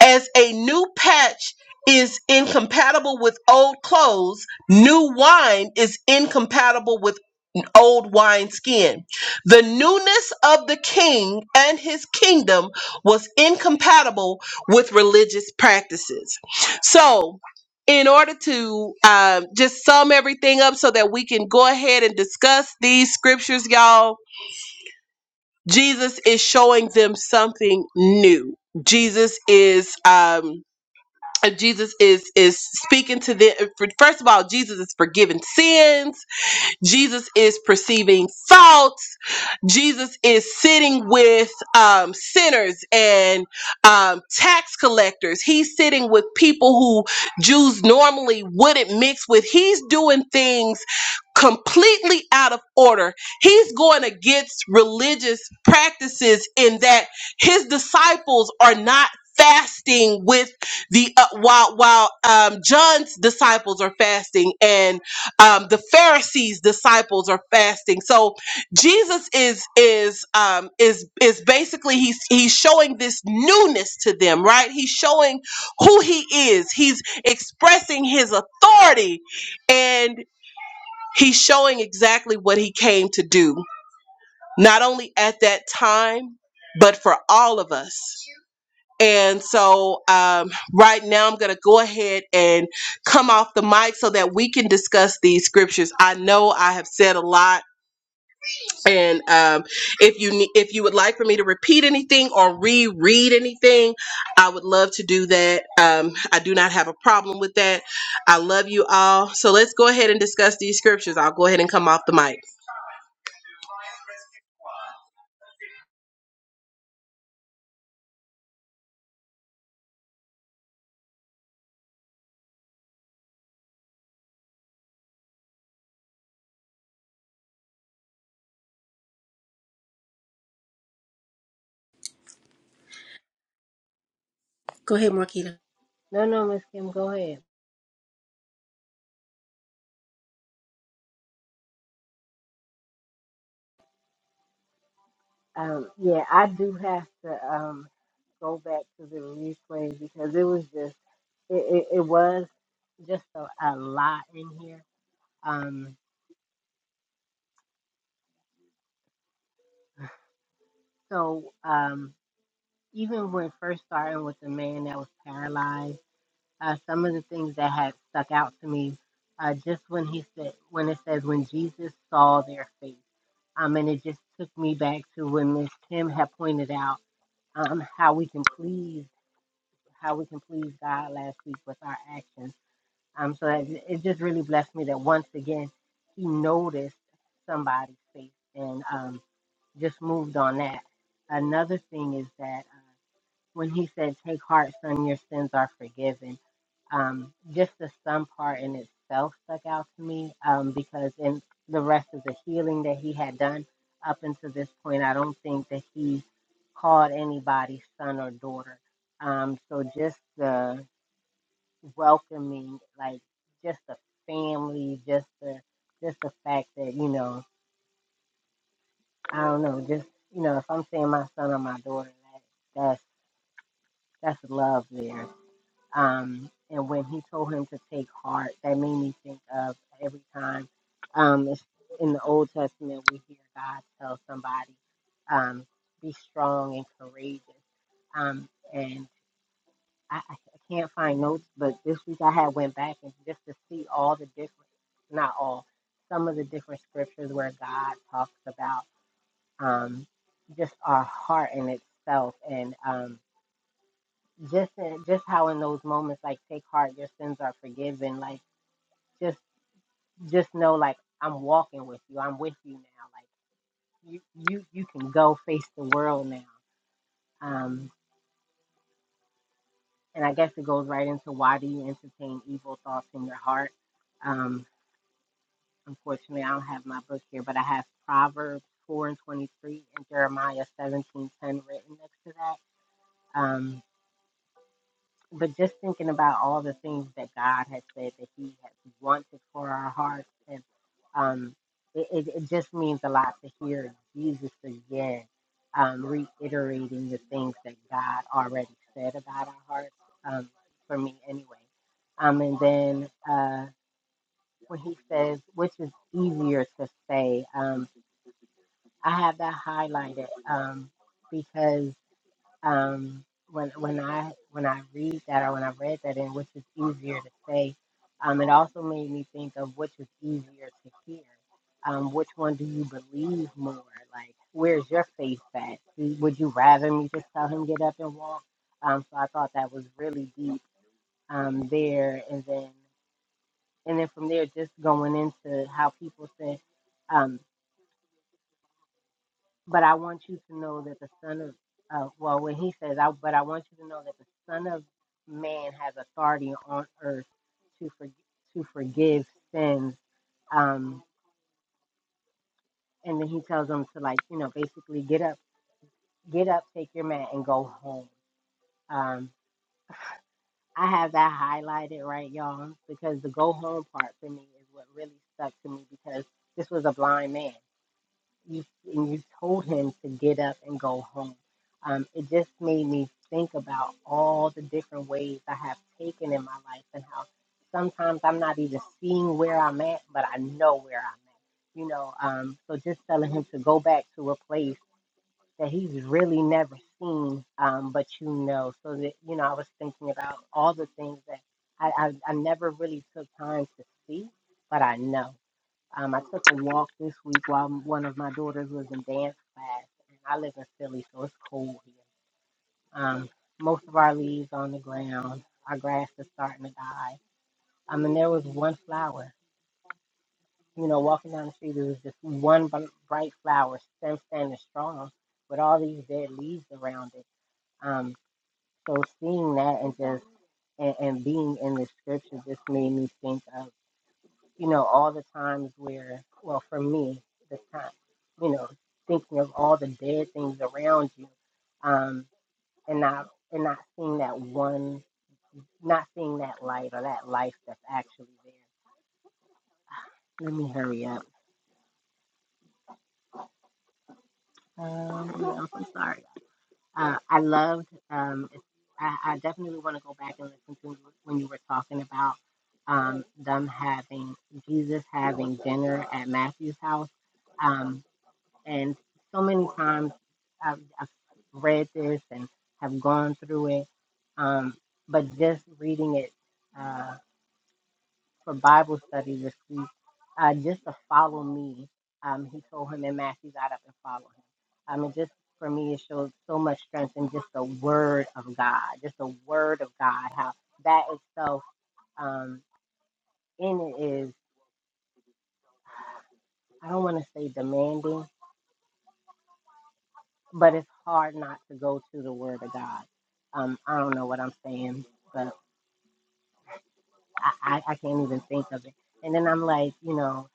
Speaker 1: as a new patch is incompatible with old clothes, new wine is incompatible with old wineskin. The newness of the king and his kingdom was incompatible with religious practices. So, in order to um, just sum everything up so that we can go ahead and discuss these scriptures, y'all, Jesus is showing them something new. Jesus is. Um, Jesus is is speaking to them. First of all, Jesus is forgiving sins Jesus is perceiving faults. Jesus is sitting with um, sinners and um, tax collectors. He's sitting with people who Jews normally wouldn't mix with. He's doing things completely out of order. He's going against religious practices in that his disciples are not fasting with the uh, while while um, John's disciples are fasting and um, the Pharisees' disciples are fasting. So Jesus is is um, is is basically he's he's showing this newness to them, right? He's showing who he is. He's expressing his authority, and he's showing exactly what he came to do, not only at that time, but for all of us. And so, um, right now, I'm going to go ahead and come off the mic so that we can discuss these scriptures. I know I have said a lot, and um, if you ne- if you would like for me to repeat anything or reread anything, I would love to do that. Um, I do not have a problem with that. I love you all. So let's go ahead and discuss these scriptures. I'll go ahead and come off the mic.
Speaker 3: Go ahead, Marquita.
Speaker 4: No, no, Miss Kim, go ahead. Um, yeah, I do have to um go back to the replay because it was just it, it, it was just a, a lot in here. Um, so um, even when first starting with the man that was paralyzed, uh, some of the things that had stuck out to me, uh, just when he said when it says when Jesus saw their faith, um, and it just took me back to when Miss Kim had pointed out um how we can please. how we can please God last week with our actions. Um, so that it just really blessed me that once again he noticed somebody's faith and um, just moved on that. Another thing is that. uh, when he said, Take heart, son, your sins are forgiven. Um, just the son part in itself stuck out to me um, because in the rest of the healing that he had done up until this point, I don't think that he called anybody son or daughter. Um, so just the welcoming, like just the family, just the just the fact that you know, I don't know, just you know, if I'm saying my son or my daughter, that that's that's love there Um, and when he told him to take heart, that made me think of every time um, it's in the Old Testament we hear God tell somebody, um, be strong and courageous. Um, and I, I I can't find notes, but this week I had went back and just to see all the different, not all, some of the different scriptures where God talks about um, just our heart in itself. And um, just in, just how in those moments like take heart your sins are forgiven like just just know like i'm walking with you i'm with you now like you you you can go face the world now um and i guess it goes right into why do you entertain evil thoughts in your heart um unfortunately i don't have my book here but i have proverbs 4 and 23 and jeremiah 17 10 written next to that Um, but just thinking about all the things that God has said that He has wanted for our hearts, and um, it, it, it just means a lot to hear Jesus again um, reiterating the things that God already said about our hearts. Um, for me, anyway. Um, and then uh, when He says, which is easier to say, um, I have that highlighted um, because um, when when I when I read that or when I read that and which is easier to say, um, it also made me think of which is easier to hear. Um, which one do you believe more? Like, where's your faith at? Do- Would you rather me just tell him get up and walk? Um, so I thought that was really deep um, there, and then and then from there, just going into how people said. um, But I want you to know that the Son of, uh, well, when he says, I, but I want you to know that the Son of Man has authority on earth to for, to forgive sins. Um, and then he tells them to like, you know, basically get up, get up, take your mat, and go home. Um, I have that highlighted, right, y'all, because the go home part for me is what really stuck to me because this was a blind man. you when you told him to get up and go home. Um, it just made me think about all the different ways I have taken in my life and how sometimes I'm not even seeing where I'm at, but I know where I'm at. You know, um, so just telling him to go back to a place that he's really never seen, um, but you know. So that you know, I was thinking about all the things that I, I, I never really took time to see, but I know. Um, I took a walk this week while one of my daughters was in dance class. And I live in Philly, so it's cold here. Um, most of our leaves on the ground. Our grass is starting to die. I mean, there was one flower. You know, walking down the street, there was just one br- bright flower, stem standing strong, with all these dead leaves around it. Um, so seeing that and just and, and being in the scripture just made me think of you know, all the times where, well, for me, the time, you know, thinking of all the dead things around you, um, and not and not seeing that one, not seeing that light or that life that's actually there. Let me hurry up. Um, yeah, I'm so sorry. Uh, I loved. Um, it's, I, I definitely want to go back and listen to when you were talking about um, them having Jesus having dinner at Matthew's house Um. And so many times I've, I've read this and have gone through it, um, but just reading it uh, for Bible study this week, uh, just to follow me, um, he told him and Matthew got up and followed him. I mean, just for me, it shows so much strength in just the word of God, just the word of God, how that itself um, in it is, I don't want to say demanding but it's hard not to go to the Word of God. Um, I don't know what I'm saying, but I, I, I can't even think of it. And then I'm like, you know,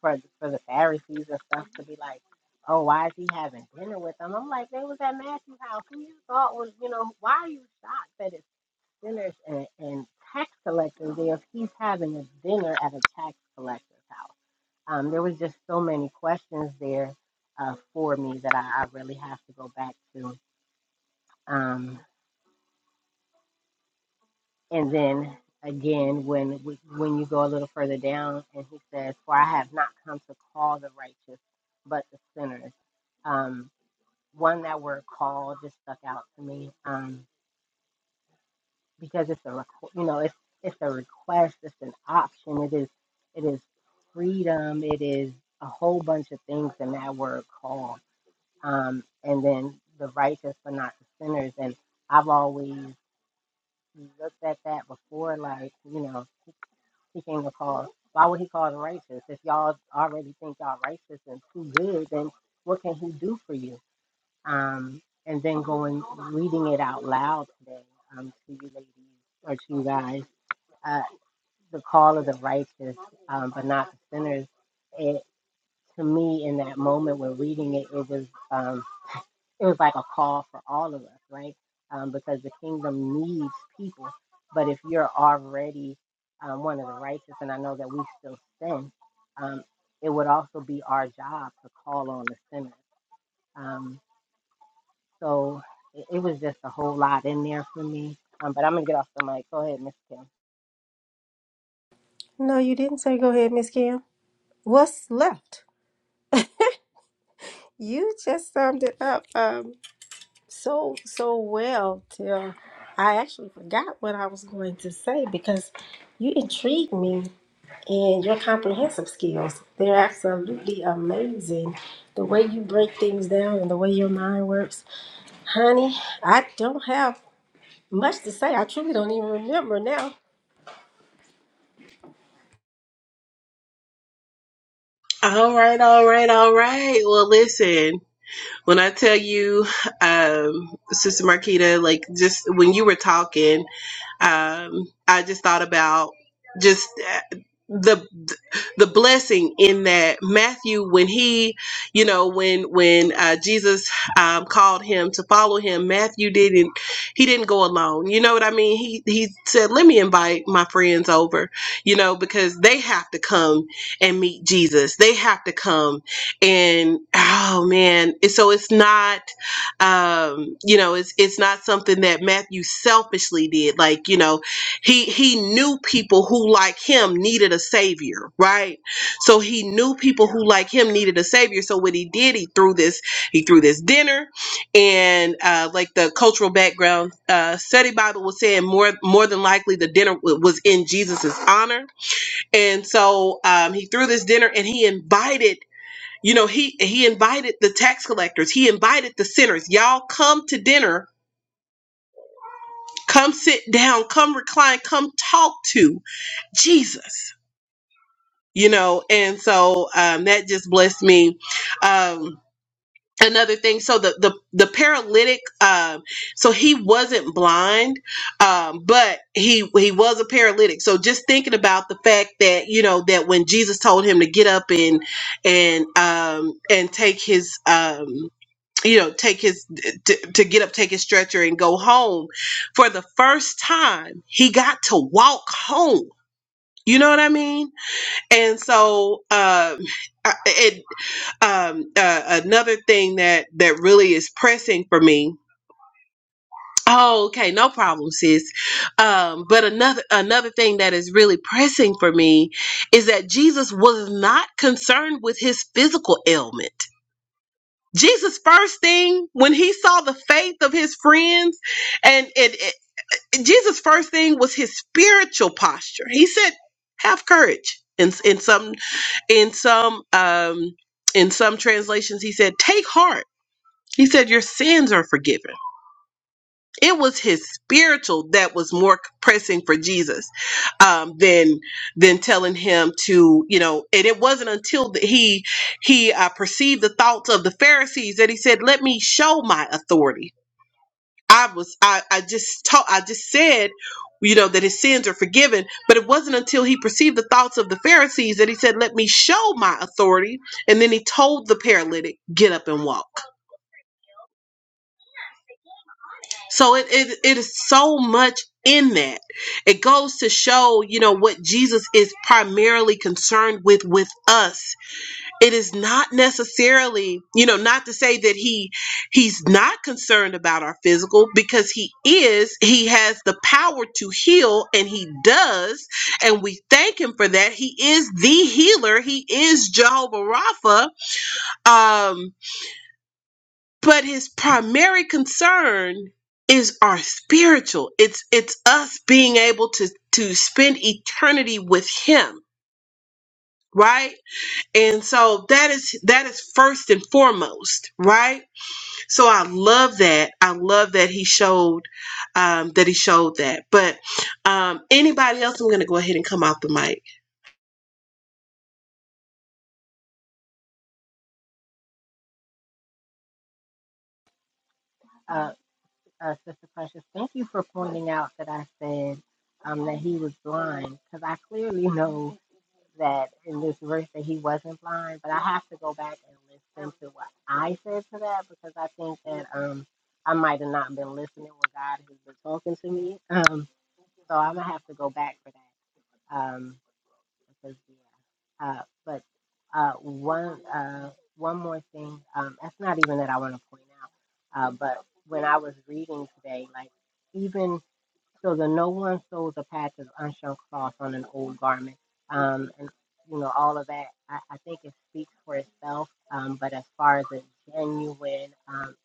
Speaker 4: for for the Pharisees and stuff to be like, oh, why is he having dinner with them? I'm like, they was at Matthew's house. Who you thought was, you know, why are you shocked that it's sinners and, and tax collectors there if he's having a dinner at a tax collector's house? Um, there was just so many questions there uh, for me that I, I really have to go back to. Um, And then again, when we, when you go a little further down, and he says, "For I have not come to call the righteous, but the sinners." Um, one that word "call" just stuck out to me um, because it's a requ- you know it's it's a request, it's an option, it is it is freedom, it is a whole bunch of things in that word "call." Um, and then the righteous, but not the sinners. And I've always looked at that before, like you know. he came to call. Why would he call them righteous? If y'all already think y'all righteous and too good, then what can he do for you? Um, and then going reading it out loud today um, to you ladies or to you guys, uh, the call of the righteous, um, but not the sinners. It to me in that moment when reading it, it was. um, it was like a call for all of us, right? Um, because the kingdom needs people. But if you're already um, one of the righteous, and I know that we still sin, um, it would also be our job to call on the sinners. Um, so it, it was just a whole lot in there for me. Um, but I'm going to get off the mic. Go ahead, Miss Kim.
Speaker 3: No, you didn't say go ahead, Miss Kim. What's left? You just summed it up um, so so well till I actually forgot what I was going to say because you intrigued me and your comprehensive skills. They're absolutely amazing. The way you break things down and the way your mind works. Honey, I don't have much to say. I truly don't even remember now.
Speaker 1: All right, all right, all right. Well, listen. When I tell you, um, Sister Marquita, like just when you were talking, um, I just thought about just uh, the the blessing in that Matthew, when he, you know, when when uh, Jesus um, called him to follow him, Matthew didn't he didn't go alone. You know what I mean? He he said, "Let me invite my friends over," you know, because they have to come and meet Jesus. They have to come and oh man, so it's not um you know it's it's not something that matthew selfishly did like you know he he knew people who like him needed a savior right so he knew people who like him needed a savior so what he did he threw this he threw this dinner and uh like the cultural background uh study bible was saying more more than likely the dinner wa- was in jesus's honor and so um he threw this dinner and he invited you know, he he invited the tax collectors, he invited the sinners. Y'all come to dinner, come sit down, come recline, come talk to Jesus. You know, and so um, that just blessed me. Um, another thing, so the the the paralytic, um, so he wasn't blind, um, but he he was a paralytic. So just thinking about the fact that you know that when Jesus told him to get up and and um, and take his um, you know take his to, to get up take his stretcher and go home for the first time he got to walk home you know what i mean and so um I- it um uh, another thing that that really is pressing for me oh okay no problem sis um but another another thing that is really pressing for me is that jesus was not concerned with his physical ailment Jesus' first thing when he saw the faith of his friends, and it, it- Jesus' first thing was his spiritual posture. He said, "Have courage." In in some in some um, in some translations, he said, "Take heart." He said, "Your sins are forgiven." It was his spiritual that was more pressing for Jesus um, than than telling him to, you know. And it wasn't until that he he uh, perceived the thoughts of the Pharisees that he said, "Let me show my authority." I was I I just taught I just said. You know, that his sins are forgiven. But it wasn't until he perceived the thoughts of the Pharisees that he said, Let me show my authority. And then he told the paralytic, Get up and walk So it, it it is so much in that. It goes to show, you know, what Jesus is primarily concerned with with us. It is not necessarily, you know, not to say that he he's not concerned about our physical because he is. He has the power to heal and he does, and we thank him for that. He is the healer. He is Jehovah Rapha. Um but his primary concern is our spiritual it's it's us being able to to spend eternity with him right and so that is that is first and foremost right so i love that i love that he showed um that he showed that but um anybody else i'm gonna go ahead and come off the mic
Speaker 4: Uh, uh, Sister Precious, thank you for pointing out that I said um, that he was blind because I clearly know. that in this verse that he wasn't blind, but I have to go back and listen to what I said to that because I think that um I might have not been listening when God has been talking to me. Um, so I'm gonna have to go back for that. Um, because yeah. Uh, but uh, one uh one more thing. Um, that's not even that I want to point out. Uh, but when I was reading today, like even so that no one sews a patch of unshun cloth on an old garment. Um, and you know, all of that, I, I think it speaks for itself. Um, but as far as a genuine um,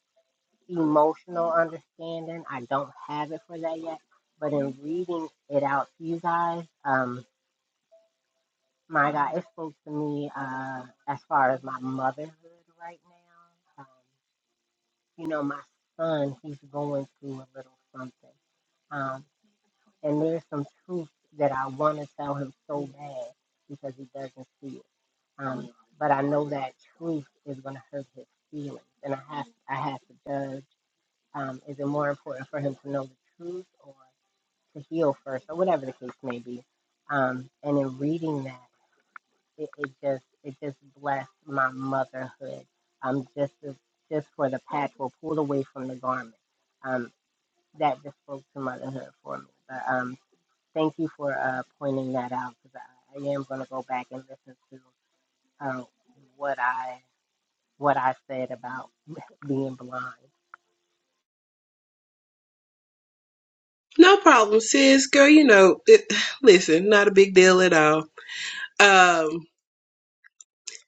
Speaker 4: emotional understanding, I don't have it for that yet. But in reading it out to you guys, um, my God, it spoke to me uh, as far as my motherhood right now. Um, you know, my son, he's going through a little something. um. And there's some truth that I want to tell him so bad because he doesn't see it. Um, but I know that truth is going to hurt his feelings, and I have I have to judge. Um, is it more important for him to know the truth or to heal first, or whatever the case may be? Um, and in reading that, it, it just it just blessed my motherhood. Um, just as, just for the patch will pulled away from the garment. Um, that just spoke to motherhood for me. But um, Thank you for uh, pointing that out because I, I am going to go back and listen to uh, what I what I said about being blind.
Speaker 1: no problem sis girl you know it, listen not a big deal at all um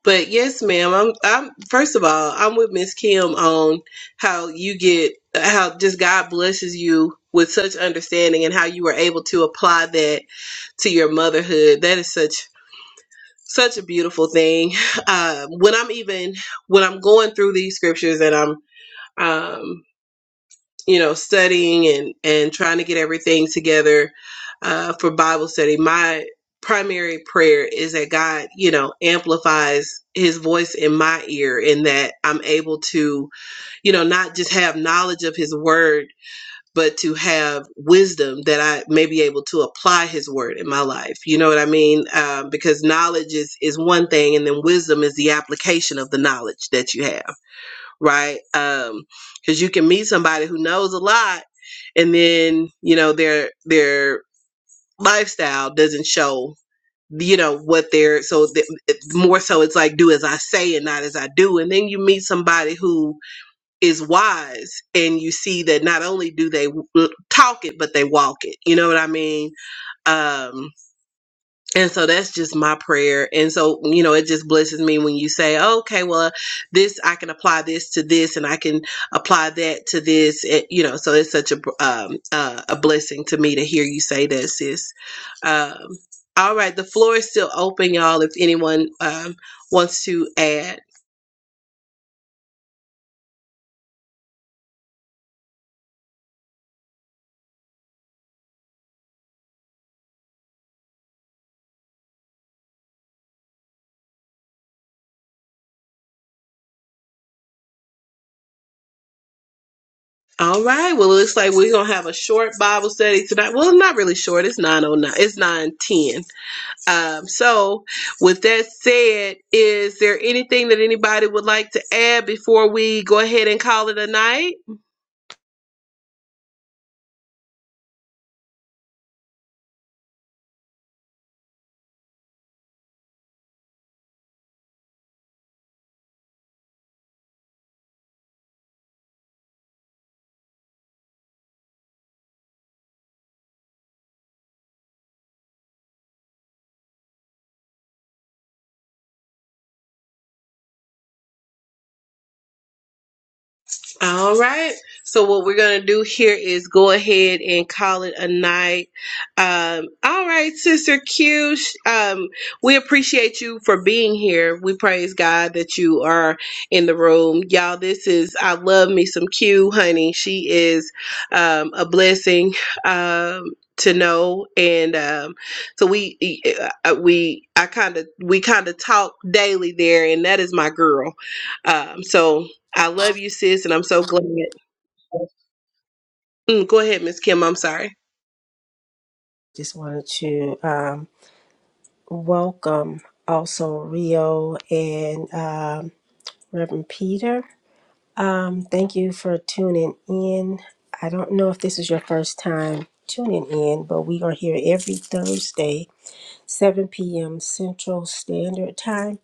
Speaker 1: But yes, ma'am. I'm. I'm. First of all, I'm with Miss Kim on how you get how just God blesses you with such understanding and how you were able to apply that to your motherhood. That is such such a beautiful thing. Uh, when I'm even when I'm going through these scriptures and I'm um, you know studying and and trying to get everything together uh, for bible study my primary prayer is that god you know amplifies his voice in my ear and that i'm able to you know not just have knowledge of his word but to have wisdom that i may be able to apply his word in my life you know what i mean um, because knowledge is is one thing and then wisdom is the application of the knowledge that you have right? Um, because you can meet somebody who knows a lot, and then you know their their lifestyle doesn't show you know what they're so th- it- more so it's like do as i say and not as i do and then you meet somebody who is wise and you see that not only do they w- talk it but they walk it you know what i mean um and so that's just my prayer. And so, you know, it just blesses me when you say, okay, well, this, I can apply this to this and I can apply that to this. It, you know, so it's such a, um, uh, a blessing to me to hear you say that, sis. Um, all right. The floor is still open, y'all, if anyone, um, wants to add. All right. Well, it looks like we're going to have a short Bible study tonight. Well, not really short. It's 909. It's 910. Um, so, with that said, is there anything that anybody would like to add before we go ahead and call it a night? All right. So what we're gonna do here is go ahead and call it a night. Um, all right, Sister Q. Um, we appreciate you for being here. We praise God that you are in the room, y'all. This is I love me some Q, honey. She is um, a blessing um, to know, and um, so we e, e, uh, we I kind of we kind of talk daily there, and that is my girl. Um, so I love you, sis, and I'm so glad. Mm, go ahead, Miss Kim. I'm sorry.
Speaker 3: Just wanted to um, welcome also Rio and um, Reverend Peter. Um, thank you for tuning in. I don't know if this is your first time tuning in, but we are here every Thursday, 7 p.m. Central Standard Time.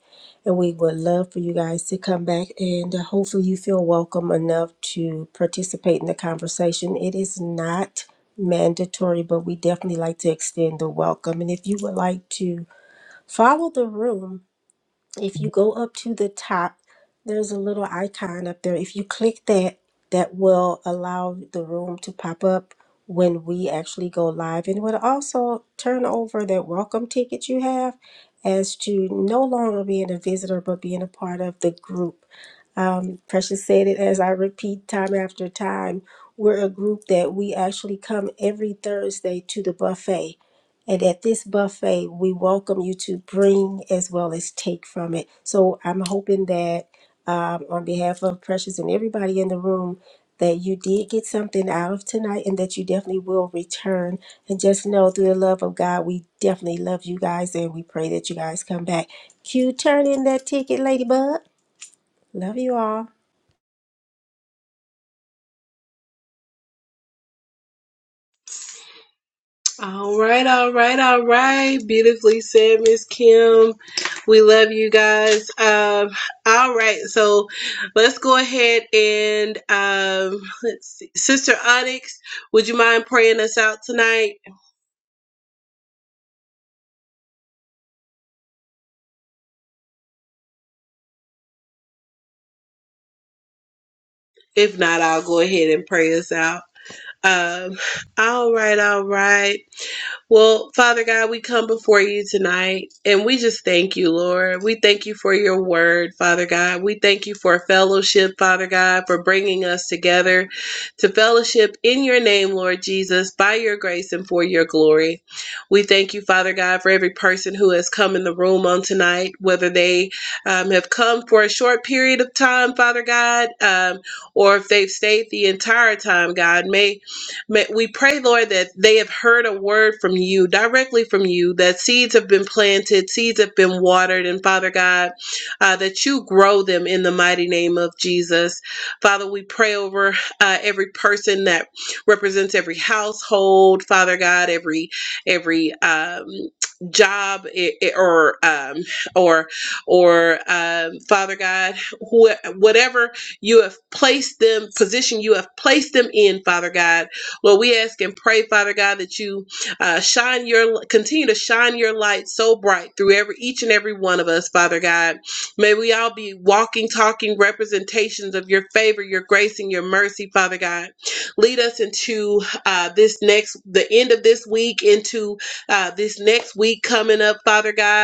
Speaker 3: And we would love for you guys to come back and uh, hopefully you feel welcome enough to participate in the conversation. It is not mandatory, but we definitely like to extend the welcome. And if you would like to follow the room, if you go up to the top, there's a little icon up there. If you click that, that will allow the room to pop up when we actually go live and would also turn over that welcome ticket you have as to no longer being a visitor but being a part of the group. Precious said it as I repeat time after time. We're a group that we actually come every Thursday to the buffet. And at this buffet, we welcome you to bring as well as take from it. So I'm hoping that um, on behalf of Precious and everybody in the room, that you did get something out of tonight and that you definitely will return. And just know through the love of God, we definitely love you guys and we pray that you guys come back. Q, turn in that ticket, Ladybug. Love you all.
Speaker 1: All right, all right, all right. Beautifully said, Miss Kim. We love you guys. Um, all right, so let's go ahead and um, let's see. Sister Onyx, would you mind praying us out tonight? If not, I'll go ahead and pray us out. Um, all right, all right. Well, Father God, we come before you tonight and we just thank you, Lord. We thank you for your word, Father God. We thank you for fellowship, Father God, for bringing us together to fellowship in your name, Lord Jesus, by your grace and for your glory. We thank you, Father God, for every person who has come in the room on tonight, whether they um, have come for a short period of time, Father God, um, or if they've stayed the entire time, God. May May, we pray, Lord, that they have heard a word from you, directly from you, that seeds have been planted, seeds have been watered, and Father God, uh, that you grow them in the mighty name of Jesus. Father, we pray over uh, every person that represents every household, Father God, every every um, job i- i- or um, or or um, Father God, wh- whatever you have placed them, position you have placed them in, Father God. Lord, we ask and pray, Father God, that you uh, shine your continue to shine your light so bright through every each and every one of us, Father God. May we all be walking, talking representations of your favor, your grace, and your mercy, Father God. Lead us into uh, this next, the end of this week, into uh, this next week coming up, Father God.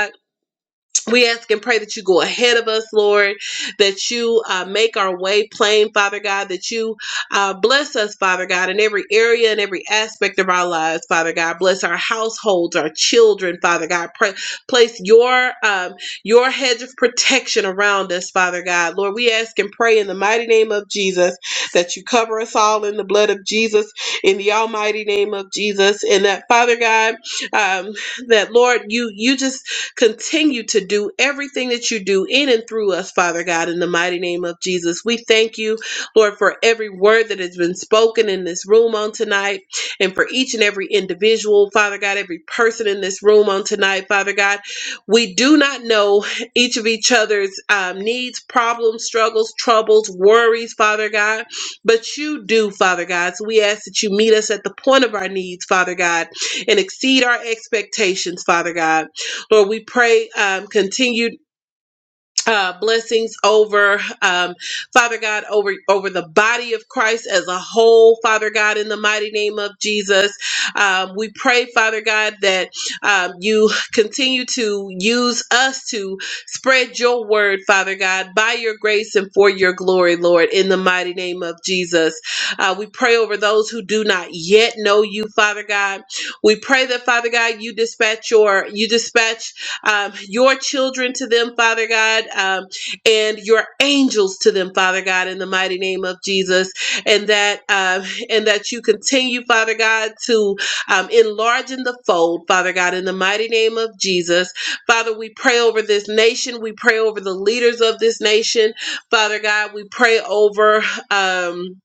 Speaker 1: We ask and pray that you go ahead of us, Lord, that you uh, make our way plain, Father God, that you uh, bless us, Father God, in every area and every aspect of our lives, Father God. Bless our households, our children, Father God. Pray, place your um, your hedge of protection around us, Father God. Lord, we ask and pray in the mighty name of Jesus that you cover us all in the blood of Jesus, in the almighty name of Jesus, and that, Father God, um, that Lord, you you just Continue to do everything that you do in and through us, Father God, in the mighty name of Jesus. We thank you, Lord, for every word that has been spoken in this room on tonight and for each and every individual, Father God, every person in this room on tonight, Father God. We do not know each of each other's um, needs, problems, struggles, troubles, worries, Father God, but you do, Father God. So we ask that you meet us at the point of our needs, Father God, and exceed our expectations, Father God. Lord, we pray um, continued uh, blessings over um, Father God, over over the body of Christ as a whole. Father God, in the mighty name of Jesus, um, we pray, Father God, that um, you continue to use us to spread your word, Father God, by your grace and for your glory, Lord. In the mighty name of Jesus, uh, we pray over those who do not yet know you, Father God. We pray that Father God, you dispatch your you dispatch um, your children to them, Father God, um, and your angels to them, Father God, in the mighty name of Jesus, and that um, and that you continue, Father God, to um, enlarge in the fold, Father God, in the mighty name of Jesus, Father. We pray over this nation. We pray over the leaders of this nation, Father God. We pray over. Um,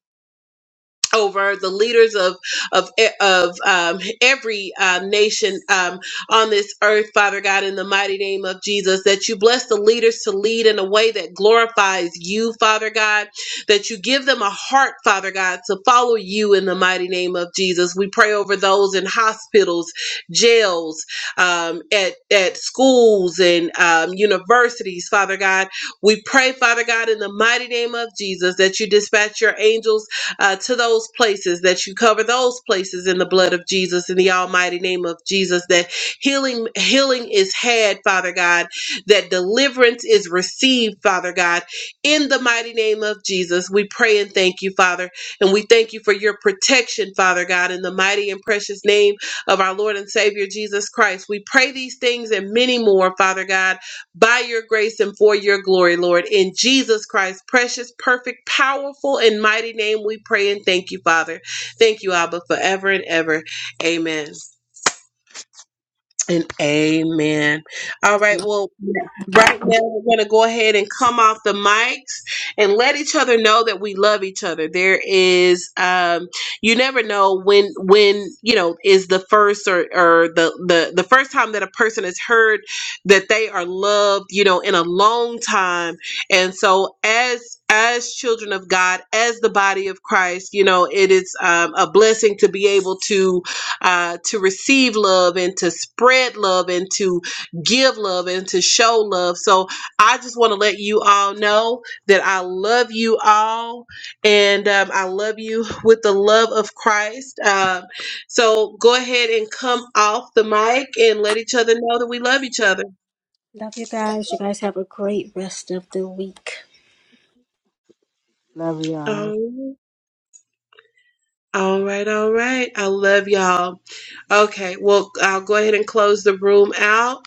Speaker 1: over the leaders of of e- of um, every um, nation um, on this earth, Father God, in the mighty name of Jesus, that you bless the leaders to lead in a way that glorifies you, Father God, that you give them a heart, Father God, to follow you in the mighty name of Jesus. We pray over those in hospitals, jails, um, at at schools and um, universities, Father God. We pray, Father God, in the mighty name of Jesus, that you dispatch your angels uh, to those places, that you cover those places in the blood of Jesus, in the almighty name of Jesus, that healing, healing is had, Father God, that deliverance is received, Father God, in the mighty name of Jesus. We pray and thank you, Father, and we thank you for your protection, Father God, in the mighty and precious name of our Lord and Savior Jesus Christ. We pray these things and many more, Father God by your grace and for your glory, Lord. In Jesus Christ's precious, perfect, powerful, and mighty name, we pray and thank you, Father. Thank you, Abba, forever and ever. Amen. And amen. All right. Well, right now we're going to go ahead and come off the mics and let each other know that we love each other. There is, um, you never know when, when you know, is the first or or the the the first time that a person has heard that they are loved, you know, in a long time. And so, as as children of God, as the body of Christ, you know, it is um, a blessing to be able to uh, to receive love and to spread love and to give love and to show love. So I just want to let you all know that I love you all and um, I love you with the love of Christ. Um, so go ahead and come off the mic and let each other know that we love each other.
Speaker 3: Love you guys. You guys have a great rest of the week.
Speaker 4: Love y'all.
Speaker 1: Oh, all right, all right. I love y'all. Okay, well, I'll go ahead and close the room out.